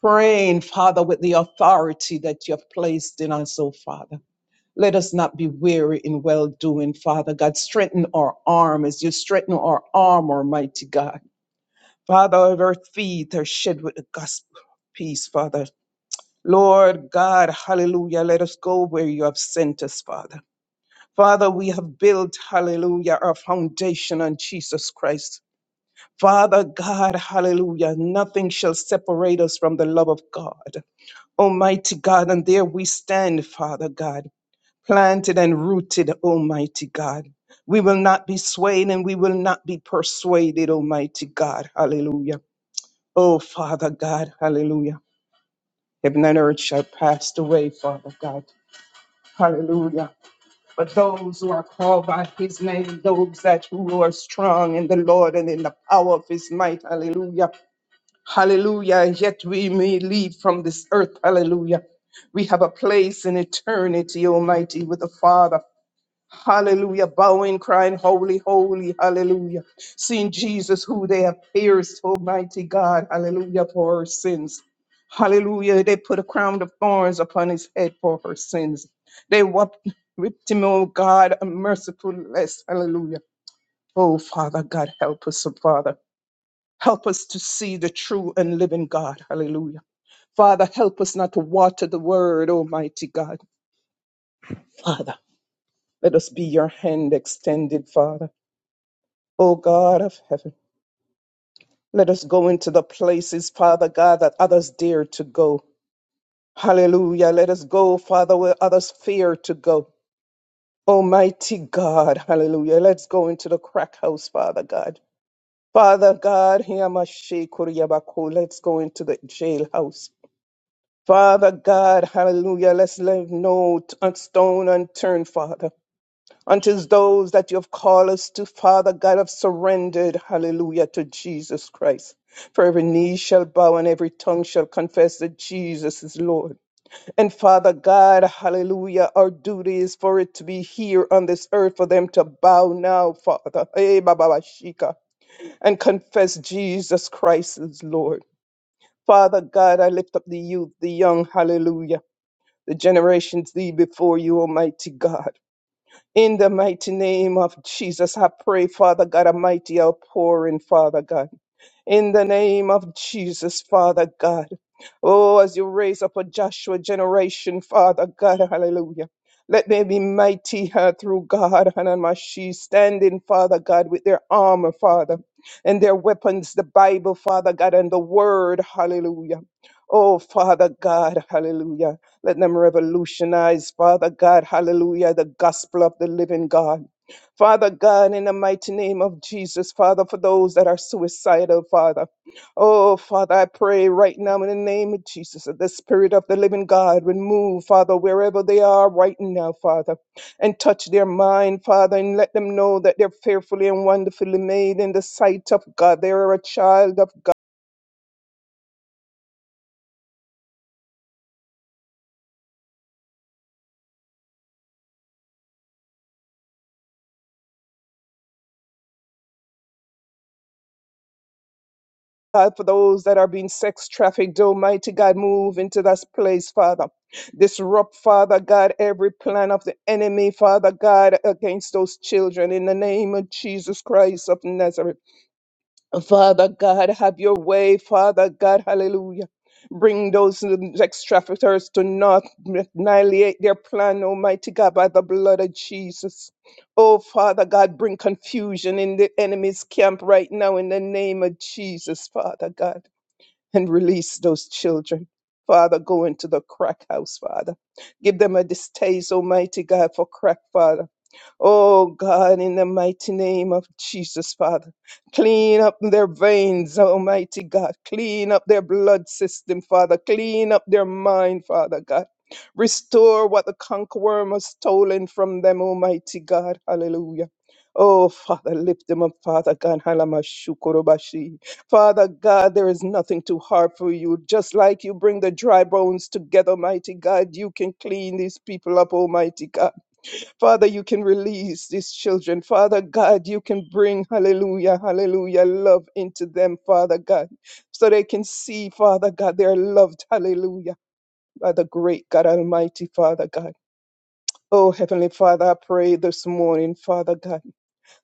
C: Praying, Father, with the authority that you have placed in us, oh Father. Let us not be weary in well doing, Father God. Strengthen our arm as you strengthen our arm, Almighty God. Father, of our feet are shed with the gospel of peace, Father. Lord God, hallelujah. Let us go where you have sent us, Father. Father, we have built, hallelujah, our foundation on Jesus Christ. Father God, hallelujah. Nothing shall separate us from the love of God. Almighty God, and there we stand, Father God planted and rooted, Almighty God. We will not be swayed and we will not be persuaded, Almighty God. Hallelujah. Oh, Father God, hallelujah. Heaven and earth shall pass away, Father God. Hallelujah. But those who are called by his name, those that who are strong in the Lord and in the power of his might, hallelujah. Hallelujah. Yet we may leave from this earth, hallelujah. We have a place in eternity, Almighty, with the Father. Hallelujah. Bowing, crying, holy, holy, hallelujah. Seeing Jesus who they have pierced, almighty God, hallelujah, for her sins. Hallelujah. They put a crown of thorns upon his head for her sins. They wept, whipped him, oh God, a merciful less. Hallelujah. Oh Father God, help us, oh Father. Help us to see the true and living God. Hallelujah. Father, help us not to water the word, Almighty God. Let us be your hand extended, Father. O God of heaven, let us go into the places, Father God, that others dare to go. Hallelujah. Let us go, Father, where others fear to go. Almighty God, hallelujah. Let's go into the crack house, Father God. Father God, Hiyamashe Kuriyabaku, let's go into the jailhouse. Father God, hallelujah. Let's leave no t- stone unturned, Father. unto those that you have called us to, Father God, have surrendered, hallelujah, to Jesus Christ. For every knee shall bow and every tongue shall confess that Jesus is Lord. And Father God, hallelujah, our duty is for it to be here on this earth for them to bow now, Father, eh, Baba Bashika, and confess Jesus Christ is Lord. Father God, I lift up the youth, the young, hallelujah, the generations thee before you, Almighty God. In the mighty name of Jesus, I pray, Father God Almighty, outpouring, Father God. In the name of Jesus, Father God. Oh, as you raise up a Joshua generation, Father God, hallelujah. Let them be mighty uh, through God, Hanamashi, standing, Father God, with their armor, Father, and their weapons, the Bible, Father God, and the Word, hallelujah. Oh, Father God, hallelujah. Let them revolutionize, Father God, hallelujah, the gospel of the living God. Father God, in the mighty name of Jesus, Father, for those that are suicidal, Father. Oh, Father, I pray right now in the name of Jesus that the Spirit of the living God would move, Father, wherever they are right now, Father, and touch their mind, Father, and let them know that they're fearfully and wonderfully made in the sight of God. They are a child of God, for those that are being sex trafficked, Almighty God, move into that place, Father. Disrupt, Father God, every plan of the enemy, Father God, against those children in the name of Jesus Christ of Nazareth. Father God, have your way, Father God, hallelujah. Bring those sex traffickers to not annihilate their plan, Almighty God, by the blood of Jesus. Oh, Father God, bring confusion in the enemy's camp right now in the name of Jesus, Father God and release those children. Father, go into the crack house, Father. Give them a distaste, Almighty God, for crack, Father. Oh God, in the mighty name of Jesus, Father, clean up their veins, Almighty God. Clean up their blood system, Father. Clean up their mind, Father God. Restore what the conqueror has stolen from them, Almighty God. Hallelujah. Oh, Father, lift them up, Father God. Halamashukurubashi. Father God, there is nothing too hard for you. Just like you bring the dry bones together, mighty God, you can clean these people up, Almighty God. Father, you can release these children. Father God, you can bring, hallelujah, hallelujah, love into them, Father God, so they can see, Father God, they are loved, hallelujah, by the great God Almighty, Father God. Oh, Heavenly Father, I pray this morning, Father God,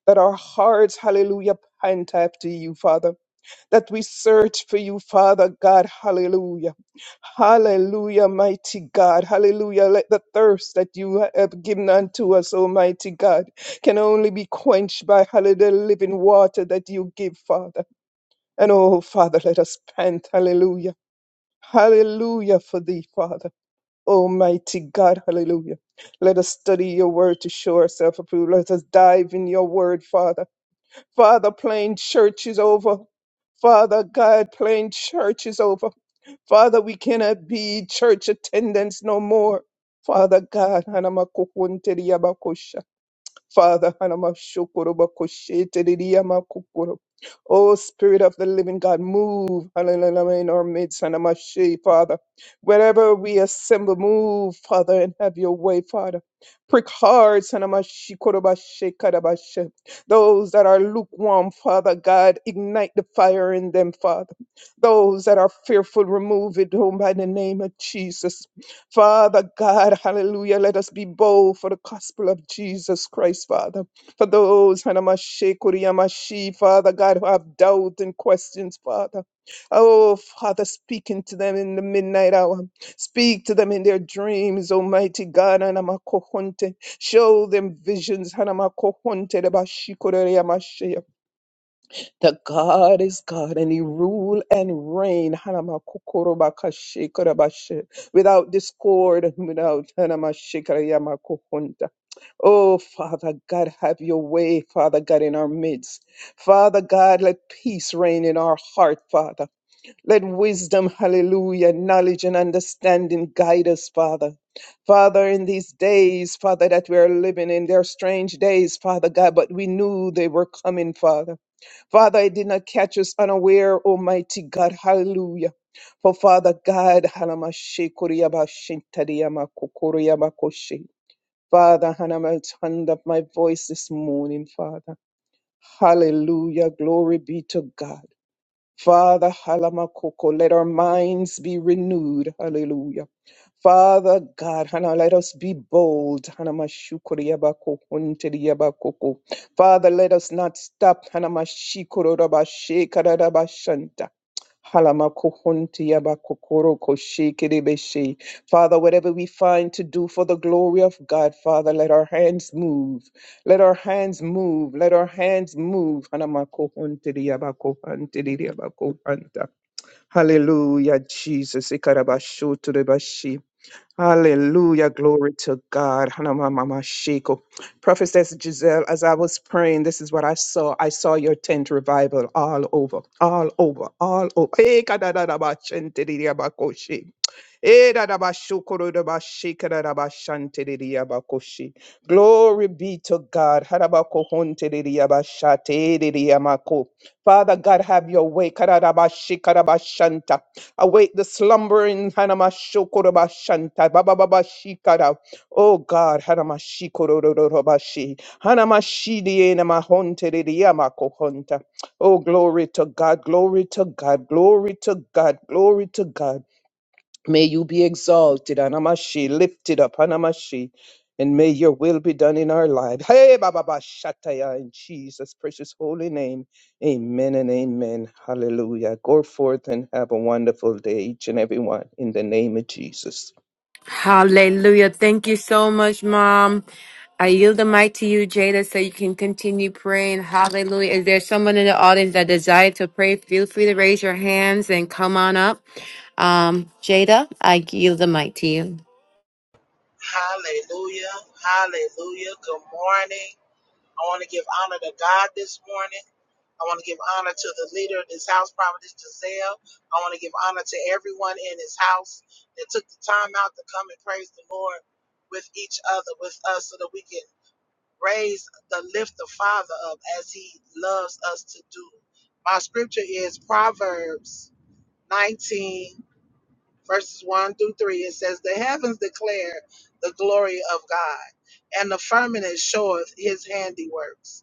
C: that our hearts, hallelujah, pant after you, Father that we search for you, Father God. Hallelujah. Hallelujah, mighty God. Hallelujah. Let the thirst that you have given unto us, Almighty God, can only be quenched by hallelujah, the living water that you give, Father. And oh, Father, let us pant. Hallelujah. Hallelujah for thee, Father. Almighty God, hallelujah. Let us study your word to show ourselves approved. Let us dive in your word, Father. Father, plain church is over. Father God, plain church is over. Father, we cannot be church attendants no more. Father God, Hanamakukunteriabakosha. Father, Hanamashokorobakoshete Oh, Spirit of the Living God, move hallelujah, in our midst, Hanamashi, Father. Wherever we assemble, move, Father, and have your way, Father. Prick hearts, Hanamashi, Korobashe, Kadabashe. Those that are lukewarm, Father God, ignite the fire in them, Father. Those that are fearful, remove it, oh, by the name of Jesus. Father God, hallelujah. Let us be bold for the gospel of Jesus Christ, Father. For those, Hanamashe, Kuriamashi, Father God, who have doubt and questions, Father. Oh, Father, speaking to them in the midnight hour. Speak to them in their dreams, Almighty God, Hanamakohonte. Show them visions, Hanamakohonte, Debashikuriamashe that God is God and He rule and reign Hanamakukurubakashikarabashe, without discord without and without Hanamashikarayamakukunda. Oh, Father God, have your way, Father God, in our midst. Father God, let peace reign in our heart, Father. Let wisdom, hallelujah, knowledge and understanding guide us, Father. Father, in these days, Father, that we are living in, they're strange days, Father God, but we knew they were coming, Father. Father, it did not catch us unaware, Almighty God. Hallelujah. For Father God, halamashikuriyabashintadiyamakukuriyabakoshe. Father, Hanama, turn up my voice this morning, Father. Hallelujah. Glory be to God. Father, halamakoko, let our minds be renewed. Hallelujah. Father God, Hana, let us be bold. Hana mashukuriabako, hunteriabakoko. Father, let us not stop. Hana mashikororabashe, kararabashanta. Halama kukunti yaba kukuro koshi kiribishi. Father, whatever we find to do for the glory of God, Father, let our hands move. Let our hands move. Let our hands move. Hanama kukunti yaba kukunti yaba kukunta. Hallelujah, Jesus. Ikarabashu turebashi. Hallelujah. Glory to God. Hanama mama shiko. Prophetess Giselle, as I was praying, this is what I saw. I saw your tent revival all over, all over, all over. Hey, kadadadabachentedidiabakoshi. Erarabashukurudabashikarabashanteridiabakoshi. Glory be to God. Harabakohonteridiabashateridiamako. Father God, have your way. Kararabashikarabashanta. Awake the slumbering. Hanamashukurubashanta. Babababashikara. Oh God, Hanamashikurururubashi. Hanamashidienemahonteridiamakohonta. Oh, glory to God, glory to God, glory to God, glory to God. May you be exalted, Anamashi, lifted up, Anamashi, and may your will be done in our lives. Hey, Baba Ba Shataya, in Jesus' precious holy name. Amen and amen. Hallelujah. Go forth and have a wonderful day, each and every one, in the name of Jesus.
A: Hallelujah. Thank you so much, Mom. I yield the mic to you, Jada, so you can continue praying. Hallelujah. Is there someone in the audience that desire to pray? Feel free to raise your hands and come on up. Um, Jada, I yield the mic to you.
D: Hallelujah. Hallelujah. Good morning. I want to give honor to God this morning. I want to give honor to the leader of this house, Providence Giselle. I want to give honor to everyone in this house that took the time out to come and praise the Lord with each other, with us, so that we can raise the lift the Father up as He loves us to do. My scripture is Proverbs 19 verses 1 through 3, it says, The heavens declare the glory of God, and the firmament showeth his handiworks.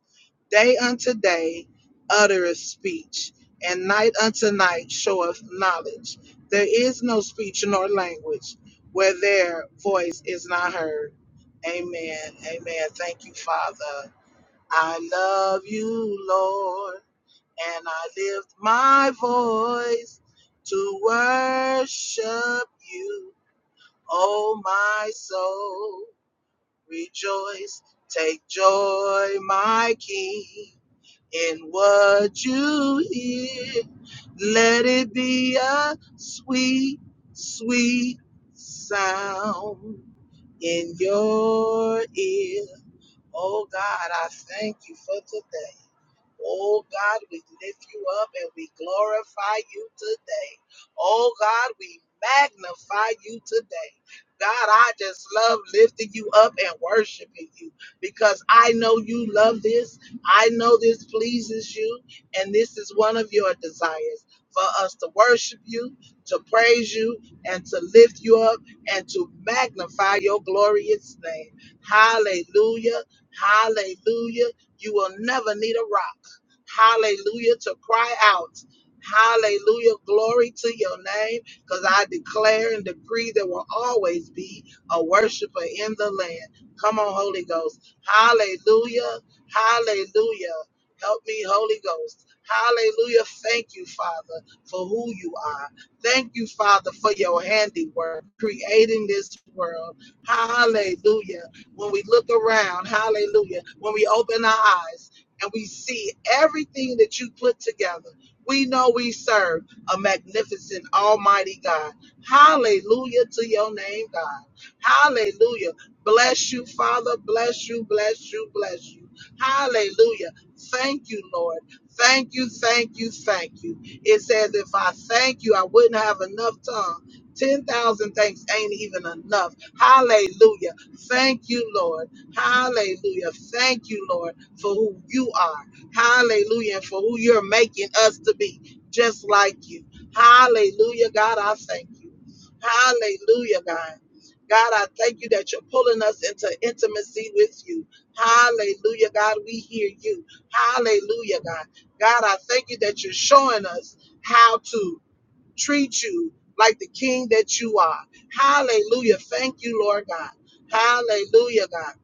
D: Day unto day uttereth speech, and night unto night showeth knowledge. There is no speech nor language where their voice is not heard. Amen. Amen. Thank you, Father. I love you, Lord and I lift my voice to worship you, O my soul. Rejoice, take joy, my King, in what you hear. Let it be a sweet, sweet sound in your ear. Oh God, I thank you for today. Oh God, we lift you up and we glorify you today. Oh God, we magnify you today. God, I just love lifting you up and worshiping you because I know you love this. I know this pleases you, and this is one of your desires for us to worship you, to praise you, and to lift you up and to magnify your glorious name. Hallelujah! Hallelujah! You will never need a rock. Hallelujah. To cry out. Hallelujah. Glory to your name. Because I declare and decree there will always be a worshiper in the land. Come on, Holy Ghost. Hallelujah. Hallelujah. Help me, Holy Ghost. Hallelujah. Thank you, Father, for who you are. Thank you, Father, for your handiwork, creating this world. Hallelujah. When we look around, hallelujah. When we open our eyes, and we see everything that you put together. We know we serve a magnificent, almighty God. Hallelujah to your name, God. Hallelujah. Bless you, Father. Bless you, bless you, bless you. Hallelujah. Thank you, Lord. Thank you, thank you, thank you. It says, if I thank you, I wouldn't have enough tongue. 10,000 thanks ain't even enough. Hallelujah. Thank you, Lord. Hallelujah. Thank you, Lord for who you are. Hallelujah. And for who you're making us to be, just like you. Hallelujah, God. I thank you. Hallelujah, God. God, I thank you that you're pulling us into intimacy with you. Hallelujah, God. We hear you. Hallelujah, God. God, I thank you that you're showing us how to treat you like the king that you are. Hallelujah. Thank you, Lord God. Hallelujah, God.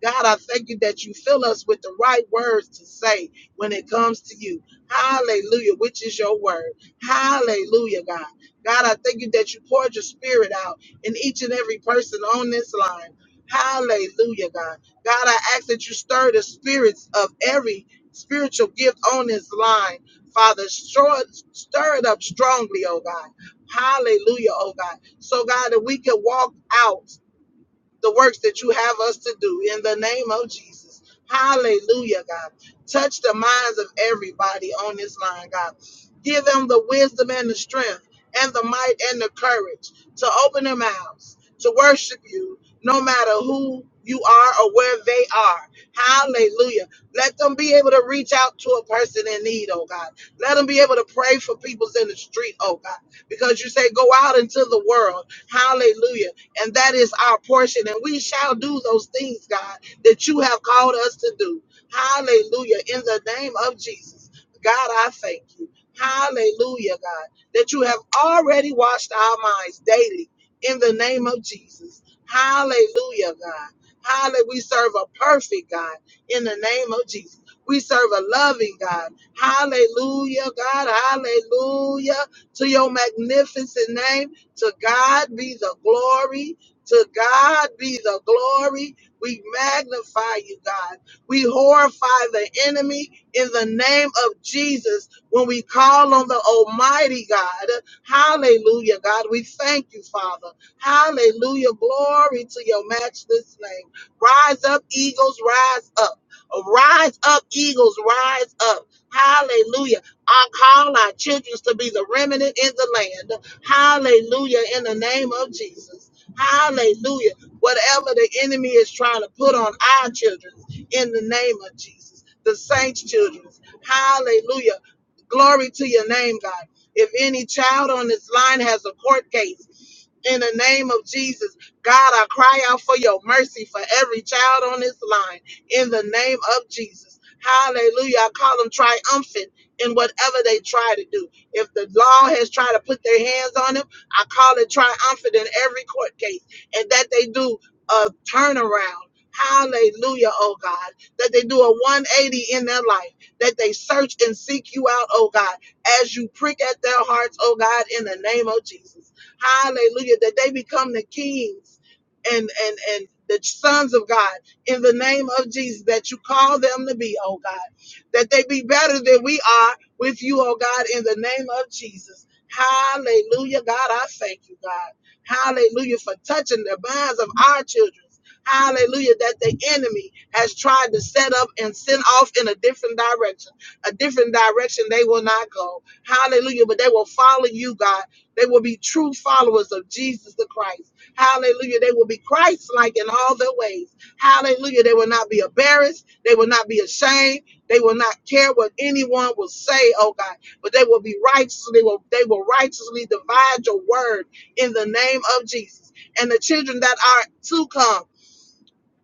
D: God, I thank you that you fill us with the right words to say when it comes to you. Hallelujah, which is your word. Hallelujah, God. God, I thank you that you poured your spirit out in each and every person on this line. Hallelujah, God. God, I ask that you stir the spirits of every spiritual gift on this line Father, stir, stir it up strongly, oh God. Hallelujah, oh God. So, God, that we can walk out the works that you have us to do in the name of Jesus. Hallelujah, God. Touch the minds of everybody on this line, God. Give them the wisdom and the strength and the might and the courage to open their mouths to worship you, no matter who you are or where they are. Hallelujah. Let them be able to reach out to a person in need, oh God. Let them be able to pray for people's in the street, oh God. Because you say, go out into the world. Hallelujah and that is our portion. And we shall do those things, God, that you have called us to do. Hallelujah. In the name of Jesus. God, I thank you. Hallelujah, God, that you have already washed our minds daily in the name of Jesus. Hallelujah, God. Hallelujah. We serve a perfect God in the name of Jesus. We serve a loving God. Hallelujah, God. Hallelujah to your magnificent name. To God be the glory. To God be the glory. We magnify you, God. We horrify the enemy in the name of Jesus when we call on the Almighty God. Hallelujah, God. We thank you, Father. Hallelujah. Glory to your matchless name. Rise up, eagles, rise up. Rise up, eagles, rise up. Hallelujah. I call our children to be the remnant in the land. Hallelujah. In the name of Jesus. Hallelujah. Whatever the enemy is trying to put on our children, in the name of Jesus, the saints' children. Hallelujah. Glory to your name, God. If any child on this line has a court case, in the name of Jesus. God, I cry out for your mercy for every child on this line in the name of Jesus. Hallelujah. I call them triumphant in whatever they try to do. If the law has tried to put their hands on them, I call it triumphant in every court case and that they do a turnaround. Hallelujah, oh God, that they do a 180 in their life, that they search and seek you out, oh God, as you prick at their hearts, oh God, in the name of Jesus. Hallelujah. That they become the kings and and and the sons of God in the name of Jesus that you call them to be, oh God. That they be better than we are with you, oh God, in the name of Jesus. Hallelujah. God, I thank you, God. Hallelujah for touching the minds of our children. Hallelujah, that the enemy has tried to set up and send off in a different direction. A different direction they will not go. Hallelujah, but they will follow you, God they will be true followers of Jesus the Christ. Hallelujah. They will be Christ like in all their ways. Hallelujah. They will not be embarrassed. They will not be ashamed. They will not care what anyone will say, oh God. But they will be righteous. They will, they will righteously divide your word in the name of Jesus. And the children that are to come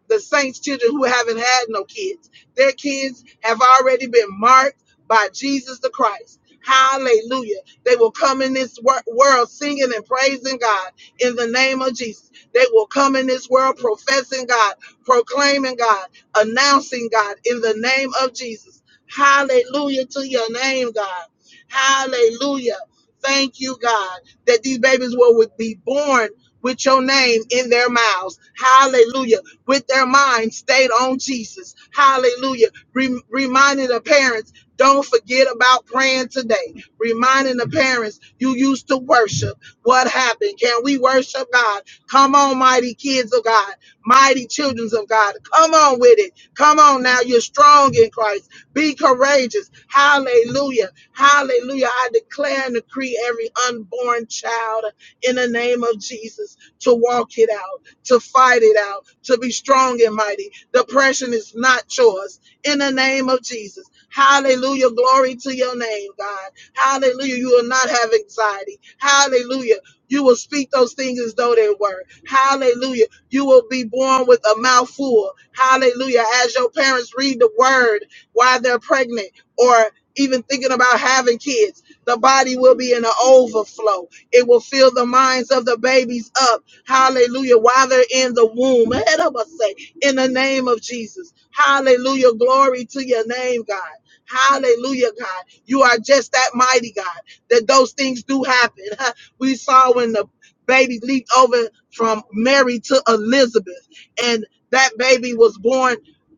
D: the saints' children who haven't had no kids. Their kids have already been marked by Jesus the Christ. Hallelujah. They will come in this wor- world singing and praising God in the name of Jesus. They will come in this world professing God, proclaiming God, announcing God in the name of Jesus. Hallelujah to your name, God. Hallelujah. Thank you, God, that these babies will would be born with your name in their mouths. Hallelujah with their mind stayed on Jesus. Hallelujah. Rem- reminding the parents, don't forget about praying today. Reminding the parents, you used to worship. What happened? Can we worship God? Come on, mighty kids of God, mighty children of God. Come on with it. Come on now. You're strong in Christ. Be courageous. Hallelujah. Hallelujah. I declare and decree every unborn child in the name of Jesus to walk it out to fight it out, to be strong and mighty. Depression is not yours. In the name of Jesus. Hallelujah. Glory to your name, God. Hallelujah. You will not have anxiety. Hallelujah. You will speak those things as though they were. Hallelujah. You will be born with a mouth full. Hallelujah. As your parents read the word while they're pregnant or even thinking about having kids, the body will be in an overflow. It will fill the minds of the babies up Hallelujah. While they're in the womb, ahead of us say, in the name of Jesus. Hallelujah. Glory to your name, God. Hallelujah, God. You are just that mighty God that those things do happen. Huh? We saw when the baby leaped over from Mary to Elizabeth, and that baby was born.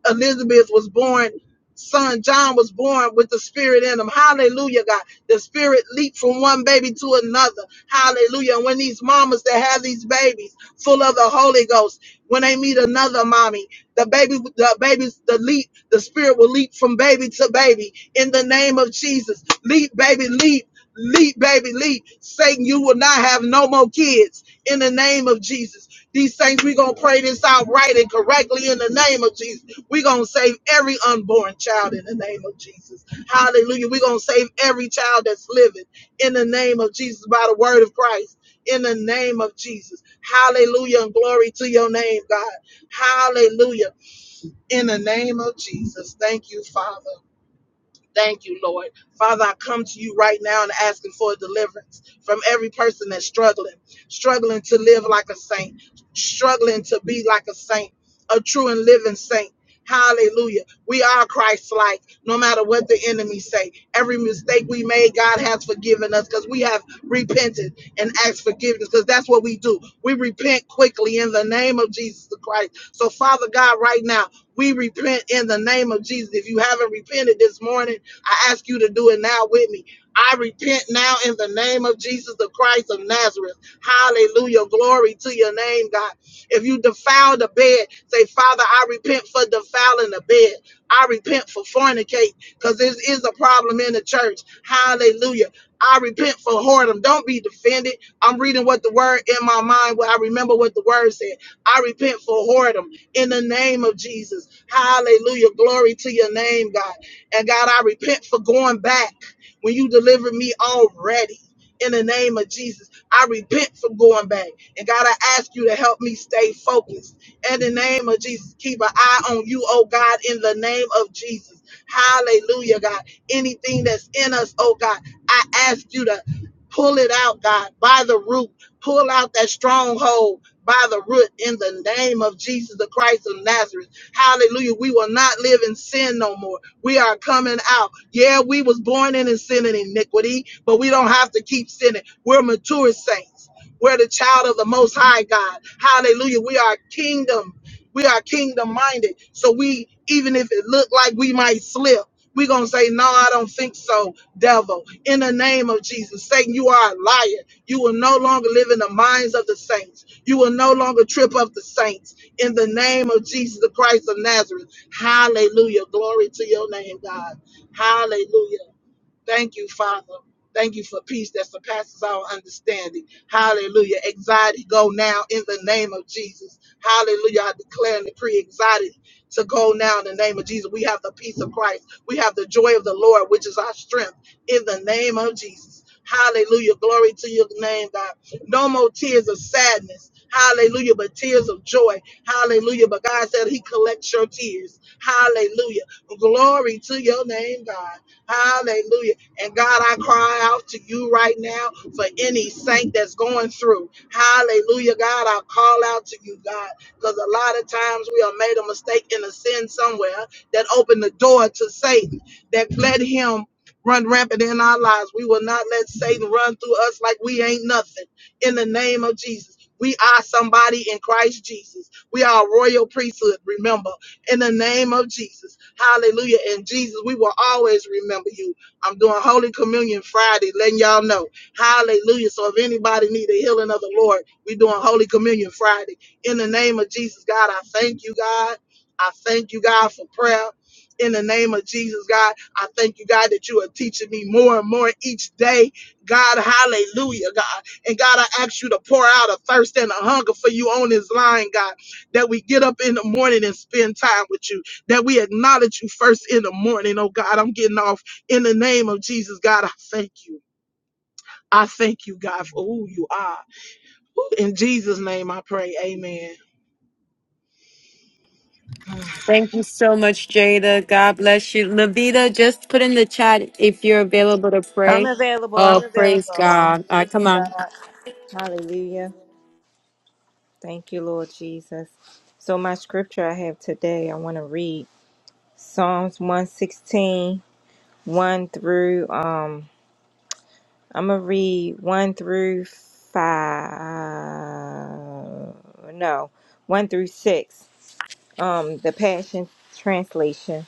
D: Elizabeth was born son John was born with the spirit in him. Hallelujah, God. The spirit leaped from one baby to another. Hallelujah. And when these mamas that have these babies full of the Holy Ghost, when they meet another mommy, the baby, the babies, the leap, the spirit will leap from baby to baby in the name of Jesus. Leap, baby, leap. Leap, baby, leap. Satan, you will not have no more kids in the name of Jesus. These things, we're going to pray this out right and correctly in the name of Jesus. We're going to save every unborn child in the name of Jesus. Hallelujah. We're going to save every child that's living in the name of Jesus by the word of Christ. In the name of Jesus. Hallelujah and glory to your name, God. Hallelujah. In the name of Jesus. Thank you, Father. Thank you, Lord. Father, I come to you right now and asking for deliverance from every person that's struggling, struggling to live like a saint, struggling to be like a saint, a true and living saint. Hallelujah. We are Christ-like, no matter what the enemy say. Every mistake we made, God has forgiven us because we have repented and asked forgiveness because that's what we do. We repent quickly in the name of Jesus the Christ. So, Father God, right now, we repent in the name of Jesus. If you haven't repented this morning, I ask you to do it now with me. I repent now in the name of Jesus the Christ of Nazareth. Hallelujah. Glory to your name, God. If you defile the bed, say, Father, I repent for defiling the bed. I repent for fornicate because this is a problem in the church. Hallelujah. I repent for whoredom. Don't be defended. I'm reading what the word in my mind, where I remember what the word said. I repent for whoredom in the name of Jesus. Hallelujah. Glory to your name, God. And God, I repent for going back when you delivered me already. In the name of Jesus, I repent for going back. And God, I ask you to help me stay focused. In the name of Jesus, keep an eye on you, oh God, in the name of Jesus. Hallelujah, God. Anything that's in us, oh God, I ask you to pull it out, God, by the root. Pull out that stronghold by the root in the name of Jesus the Christ of Nazareth. Hallelujah. We will not live in sin no more. We are coming out. Yeah, we was born in sin and iniquity, but we don't have to keep sinning. We're mature saints. We're the child of the most high God. Hallelujah. We are kingdom. We are kingdom minded. So we, even if it looked like we might slip, we going to say, no, I don't think so, devil. In the name of Jesus, Satan, you are a liar. You will no longer live in the minds of the saints. You will no longer trip up the saints in the name of Jesus the Christ of Nazareth. Hallelujah. Glory to your name, God. Hallelujah. Thank you, Father. Thank you for peace that surpasses our understanding. Hallelujah. Anxiety go now in the name of Jesus. Hallelujah. I declare and decree anxiety to go now in the name of Jesus. We have the peace of Christ. We have the joy of the Lord, which is our strength in the name of Jesus. Hallelujah. Glory to your name, God. No more tears of sadness. Hallelujah. But tears of joy. Hallelujah. But God said he collects your tears. Hallelujah. Glory to your name, God. Hallelujah. And God, I cry out to you right now for any saint that's going through. Hallelujah, God. I call out to you, God, because a lot of times we have made a mistake in a sin somewhere that opened the door to Satan, that let him run rampant in our lives. We will not let Satan run through us like we ain't nothing. In the name of Jesus. We are somebody in Christ Jesus. We are a royal priesthood, remember, in the name of Jesus. Hallelujah. And Jesus, we will always remember you. I'm doing Holy Communion Friday, letting y'all know. Hallelujah. So if anybody need a healing of the Lord, we're doing Holy Communion Friday. In the name of Jesus, God, I thank you, God. I thank you, God, for prayer. In the name of Jesus, God, I thank you, God, that you are teaching me more and more each day. God, hallelujah, God. And God, I ask you to pour out a thirst and a hunger for you on this line, God, that we get up in the morning and spend time with you, that we acknowledge you first in the morning, oh God. I'm getting off. In the name of Jesus, God, I thank you. I thank you, God, for who you are. In Jesus' name I pray. Amen.
A: Thank you so much, Jada. God bless you. Levita, just put in the chat if you're available to
E: I'm
A: pray.
E: available. I'm
A: Oh, praise
E: available.
A: God. All
E: Glory
A: right,
E: to
A: come on.
E: God. Hallelujah. Thank you, Lord Jesus. So, my scripture I have today, I want to read Psalms one sixteen one through, um, I'm going to read 1 through 5, no, 1 through 6, um, the Passion Translation.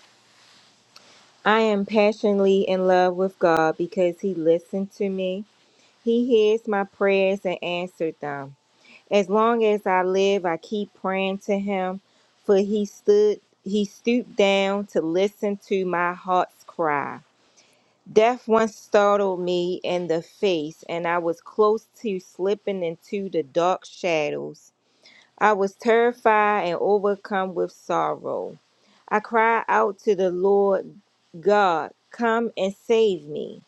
E: I am passionately in love with God because He listened to me. He hears my prayers and answered them. As long as I live, I keep praying to him, for he stood he stooped down to listen to my heart's cry. Death once startled me in the face, and I was close to slipping into the dark shadows. I was terrified and overcome with sorrow. I cried out to the Lord God, Come and save me.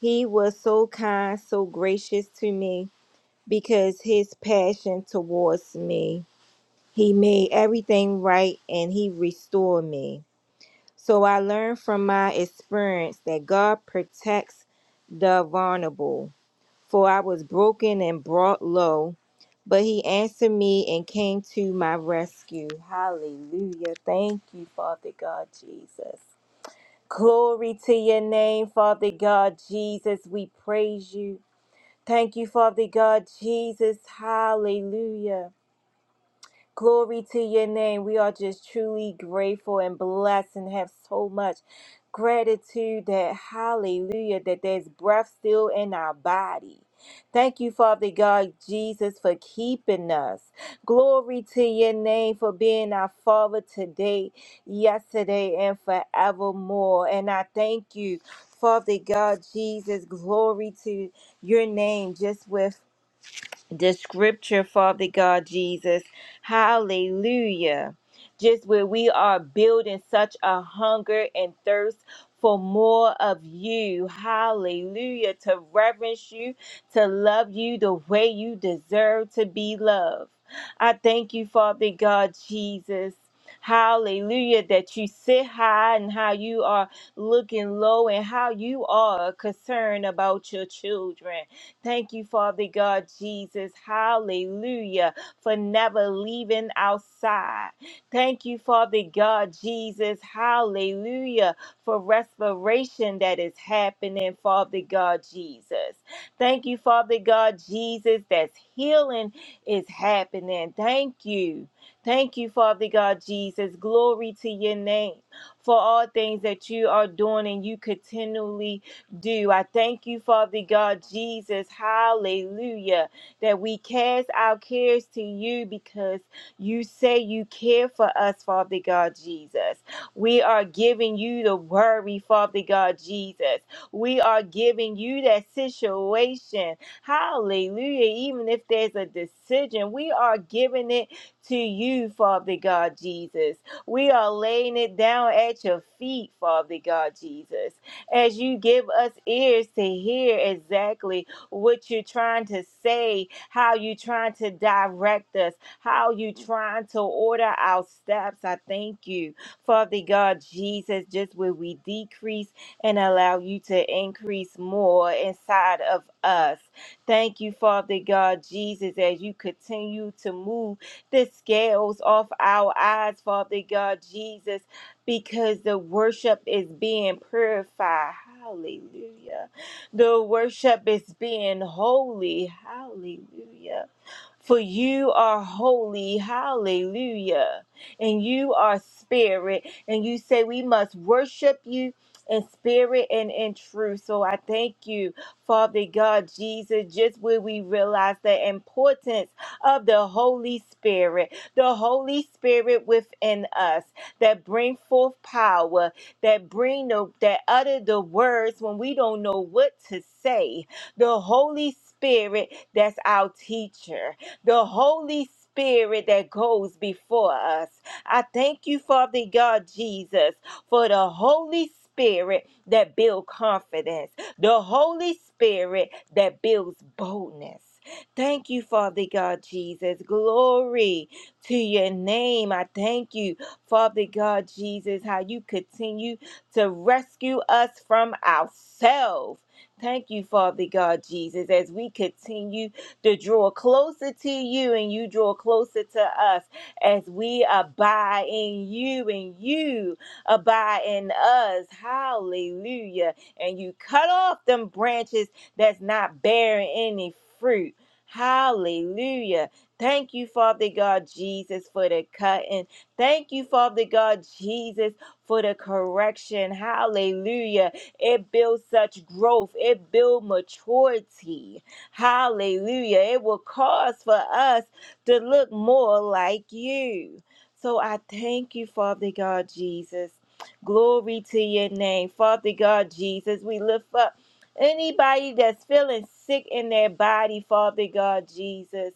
E: He was so kind, so gracious to me because his passion towards me. He made everything right and he restored me. So I learned from my experience that God protects the vulnerable. For I was broken and brought low, but he answered me and came to my rescue. Hallelujah. Thank you, Father God Jesus. Glory to your name, Father God Jesus. We praise you. Thank you, Father God Jesus. Hallelujah. Glory to your name. We are just truly grateful and blessed and have so much gratitude that, hallelujah, that there's breath still in our body. Thank you, Father God Jesus, for keeping us. Glory to your name for being our Father today, yesterday, and forevermore. And I thank you, Father God Jesus. Glory to your name, just with the scripture, Father God Jesus. Hallelujah. Just where we are building such a hunger and thirst for more of you. Hallelujah. To reverence you, to love you the way you deserve to be loved. I thank you, Father God Jesus. Hallelujah, that you sit high and how you are looking low and how you are concerned about your children. Thank you, Father God Jesus. Hallelujah. For never leaving our side. Thank you, Father God Jesus. Hallelujah. For respiration that is happening, Father God Jesus. Thank you, Father God Jesus. that healing is happening. Thank you. Thank you, Father God Jesus. Glory to your name for all things that you are doing and you continually do. I thank you, Father God, Jesus. Hallelujah. That we cast our cares to you because you say you care for us, Father God, Jesus. We are giving you the worry, Father God, Jesus. We are giving you that situation. Hallelujah. Even if there's a decision, we are giving it to you, Father God, Jesus. We are laying it down at your feet, Father God, Jesus as you give us ears to hear exactly what you're trying to say, how you're trying to direct us, how you're trying to order our steps. I thank you, Father God, Jesus, just where we decrease and allow you to increase more inside of us. Thank you, Father God, Jesus, as you continue to move the scales off our eyes, Father God, Jesus because the worship is being purified. Hallelujah. The worship is being holy. Hallelujah. For you are holy, hallelujah, and you are spirit. And you say we must worship you in spirit and in truth. So I thank you, Father God, Jesus, just where we realize the importance of the Holy Spirit, the Holy Spirit within us that bring forth power, that bring the that utter the words when we don't know what to say. The Holy Spirit that's our teacher the Holy Spirit that goes before us. I thank you, Father God Jesus, for the Holy Spirit that builds confidence, the Holy Spirit that builds boldness. Thank you, Father God Jesus. Glory to your name. I thank you, Father God Jesus, how you continue to rescue us from ourselves. Thank you, Father God Jesus, as we continue to draw closer to you and you draw closer to us as we abide in you and you abide in us. Hallelujah. And you cut off them branches that's not bearing any fruit. Hallelujah. Thank you, Father God Jesus, for the cutting. Thank you, Father God Jesus, for the correction. Hallelujah. It builds such growth, it builds maturity. Hallelujah. It will cause for us to look more like you. So I thank you, Father God Jesus. Glory to your name, Father God Jesus. We lift up anybody that's feeling sick in their body, Father God Jesus.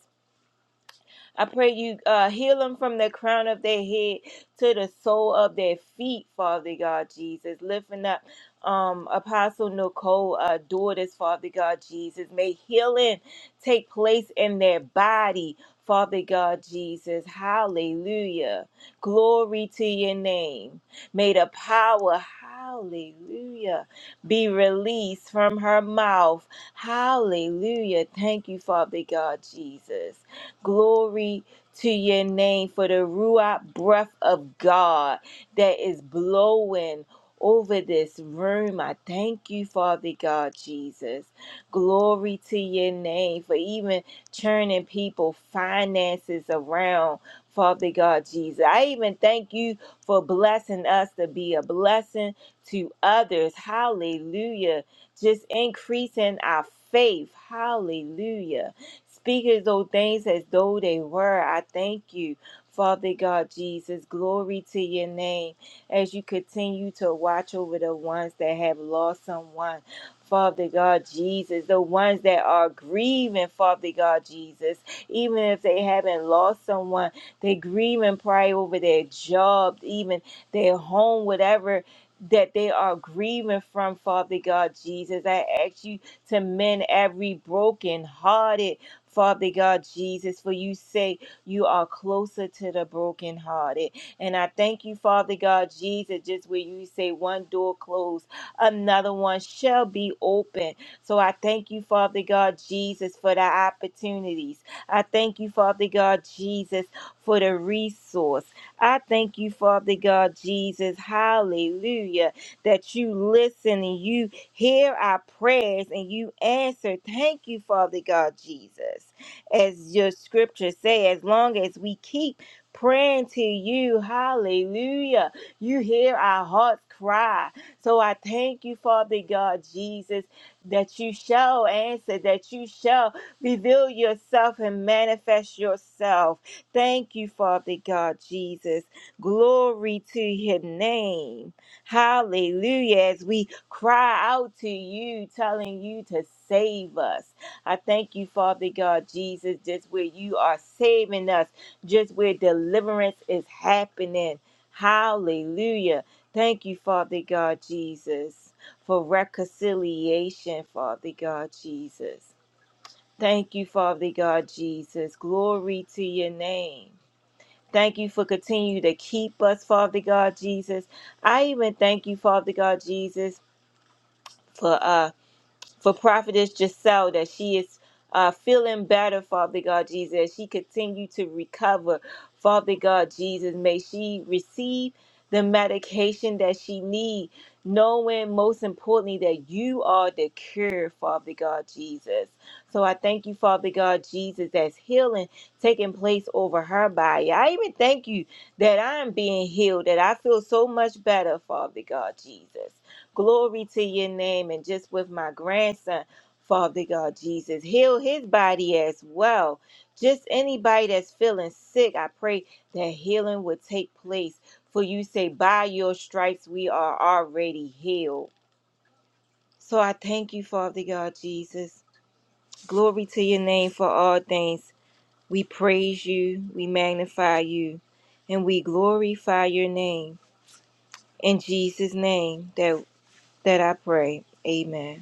E: I pray you uh, heal them from the crown of their head to the sole of their feet, Father God Jesus. Lifting up um, Apostle Nicole, uh, daughters, Father God Jesus. May healing take place in their body, Father God Jesus. Hallelujah. Glory to your name. May the power, hallelujah, be released from her mouth. Hallelujah. Thank you, Father God Jesus. Glory to your name for the Ruach breath of God that is blowing over this room. I thank you, Father God, Jesus. Glory to your name for even turning people finances around. Father God Jesus, I even thank you for blessing us to be a blessing to others. Hallelujah. Just increasing our faith. Hallelujah. Speak as though things as though they were. I thank you, Father God Jesus. Glory to your name as you continue to watch over the ones that have lost someone. Father God Jesus, the ones that are grieving, Father God Jesus, even if they haven't lost someone, they grieve and pray over their job, even their home, whatever that they are grieving from, Father God Jesus. I ask you to mend every broken hearted. Father God Jesus, for you say you are closer to the brokenhearted. And I thank you, Father God Jesus, just where you say one door closed, another one shall be open. So I thank you, Father God Jesus, for the opportunities. I thank you, Father God Jesus, for the resource. I thank you, Father God Jesus, hallelujah, that you listen and you Hear our prayers and you answer. Thank you, Father God Jesus. As your scripture says, as long as we keep praying to you, hallelujah, you hear our hearts cry. So I thank you, Father God Jesus, that you shall answer, that you shall reveal yourself and manifest yourself. Thank you, Father God Jesus. Glory to your name. Hallelujah. As we cry out to you, telling you to save us. I thank you, Father God, Jesus, just where you are saving us, just where deliverance is happening. Hallelujah. Thank you, Father God, Jesus, for reconciliation, Father God, Jesus. Thank you, Father God, Jesus. Glory to your name. Thank you for continue to keep us, Father God Jesus. I even thank you, Father God Jesus, for uh for Prophetess Giselle that she is uh, feeling better, Father God Jesus. as She continue to recover, Father God Jesus. May she receive the medication that she need, knowing most importantly that you are the cure, Father God Jesus. So I thank you, Father God Jesus, that's healing taking place over her body. I even thank you that I'm being healed, that I feel so much better, Father God Jesus. Glory to your name. And just with my grandson, Father God Jesus, heal his body as well. Just anybody that's feeling sick, I pray that healing would take place. For you say, by your stripes, we are already healed. So I thank you, Father God Jesus. Glory to your name for all things. We praise you, we magnify you, and we glorify your name. In Jesus' name that, that I pray. Amen.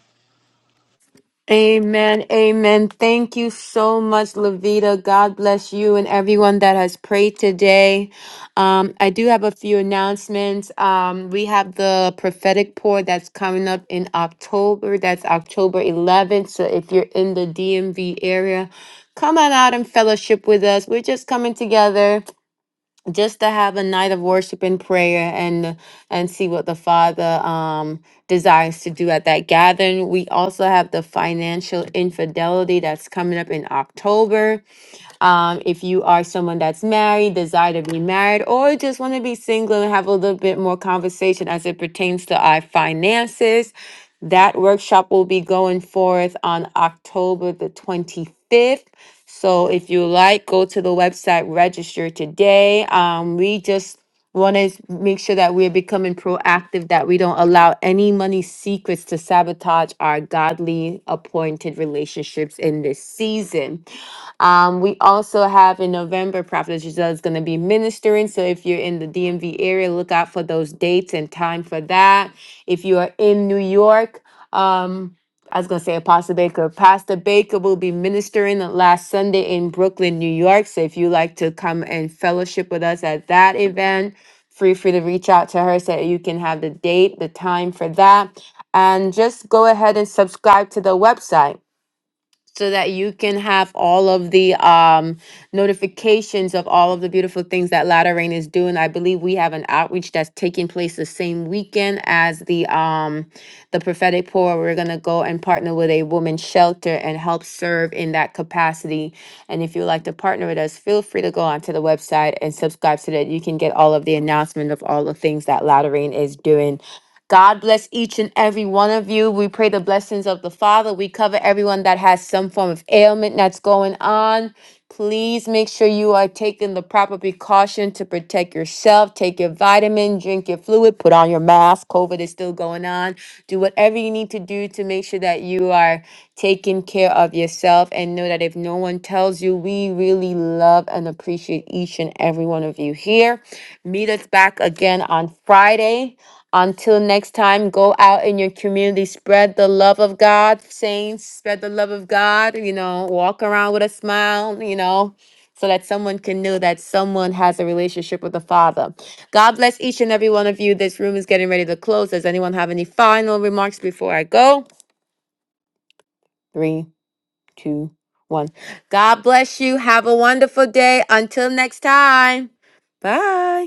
A: Amen. Amen. Thank you so much, Levita. God bless you and everyone that has prayed today. Um, I do have a few announcements. Um, we have the prophetic pour that's coming up in October. That's October 11th. So if you're in the DMV area, come on out and fellowship with us. We're just coming together just to have a night of worship and prayer and and see what the father um desires to do at that gathering we also have the financial infidelity that's coming up in october um, if you are someone that's married, desire to be married, or just want to be single and have a little bit more conversation as it pertains to our finances, that workshop will be going forth on October the 25th. So if you like, go to the website, register today. Um, we just want to make sure that we're becoming proactive, that we don't allow any money secrets to sabotage our godly appointed relationships in this season. Um, we also have in November, Prophet Giselle is going to be ministering. So if you're in the DMV area, look out for those dates and time for that. If you are in New York, um, I was going to say Apostle Baker. Pastor Baker will be ministering the last Sunday in Brooklyn, New York. So if you like to come and fellowship with us at that event, feel free to reach out to her so that you can have the date, the time for that. And just go ahead and subscribe to the website so that you can have all of the um, notifications of all of the beautiful things that Latter Rain is doing. I believe we have an outreach that's taking place the same weekend as the um, the prophetic pour. We're gonna go and partner with a women's shelter and help serve in that capacity. And if you'd like to partner with us, feel free to go onto the website and subscribe so that you can get all of the announcement of all the things that Latter Rain is doing God bless each and every one of you. We pray the blessings of the Father. We cover everyone that has some form of ailment that's going on. Please make sure you are taking the proper precaution to protect yourself. Take your vitamin, drink your fluid, put on your mask. COVID is still going on. Do whatever you need to do to make sure that you are taking care of yourself and know that if no one tells you, we really love and appreciate each and every one of you here. Meet us back again on Friday. Until next time, go out in your community, spread the love of God, saints, spread the love of God, you know, walk around with a smile, you know, so that someone can know that someone has a relationship with the Father. God bless each and every one of you. This room is getting ready to close. Does anyone have any final remarks before I go? Three, two, one. God bless you. Have a wonderful day. Until next time. Bye.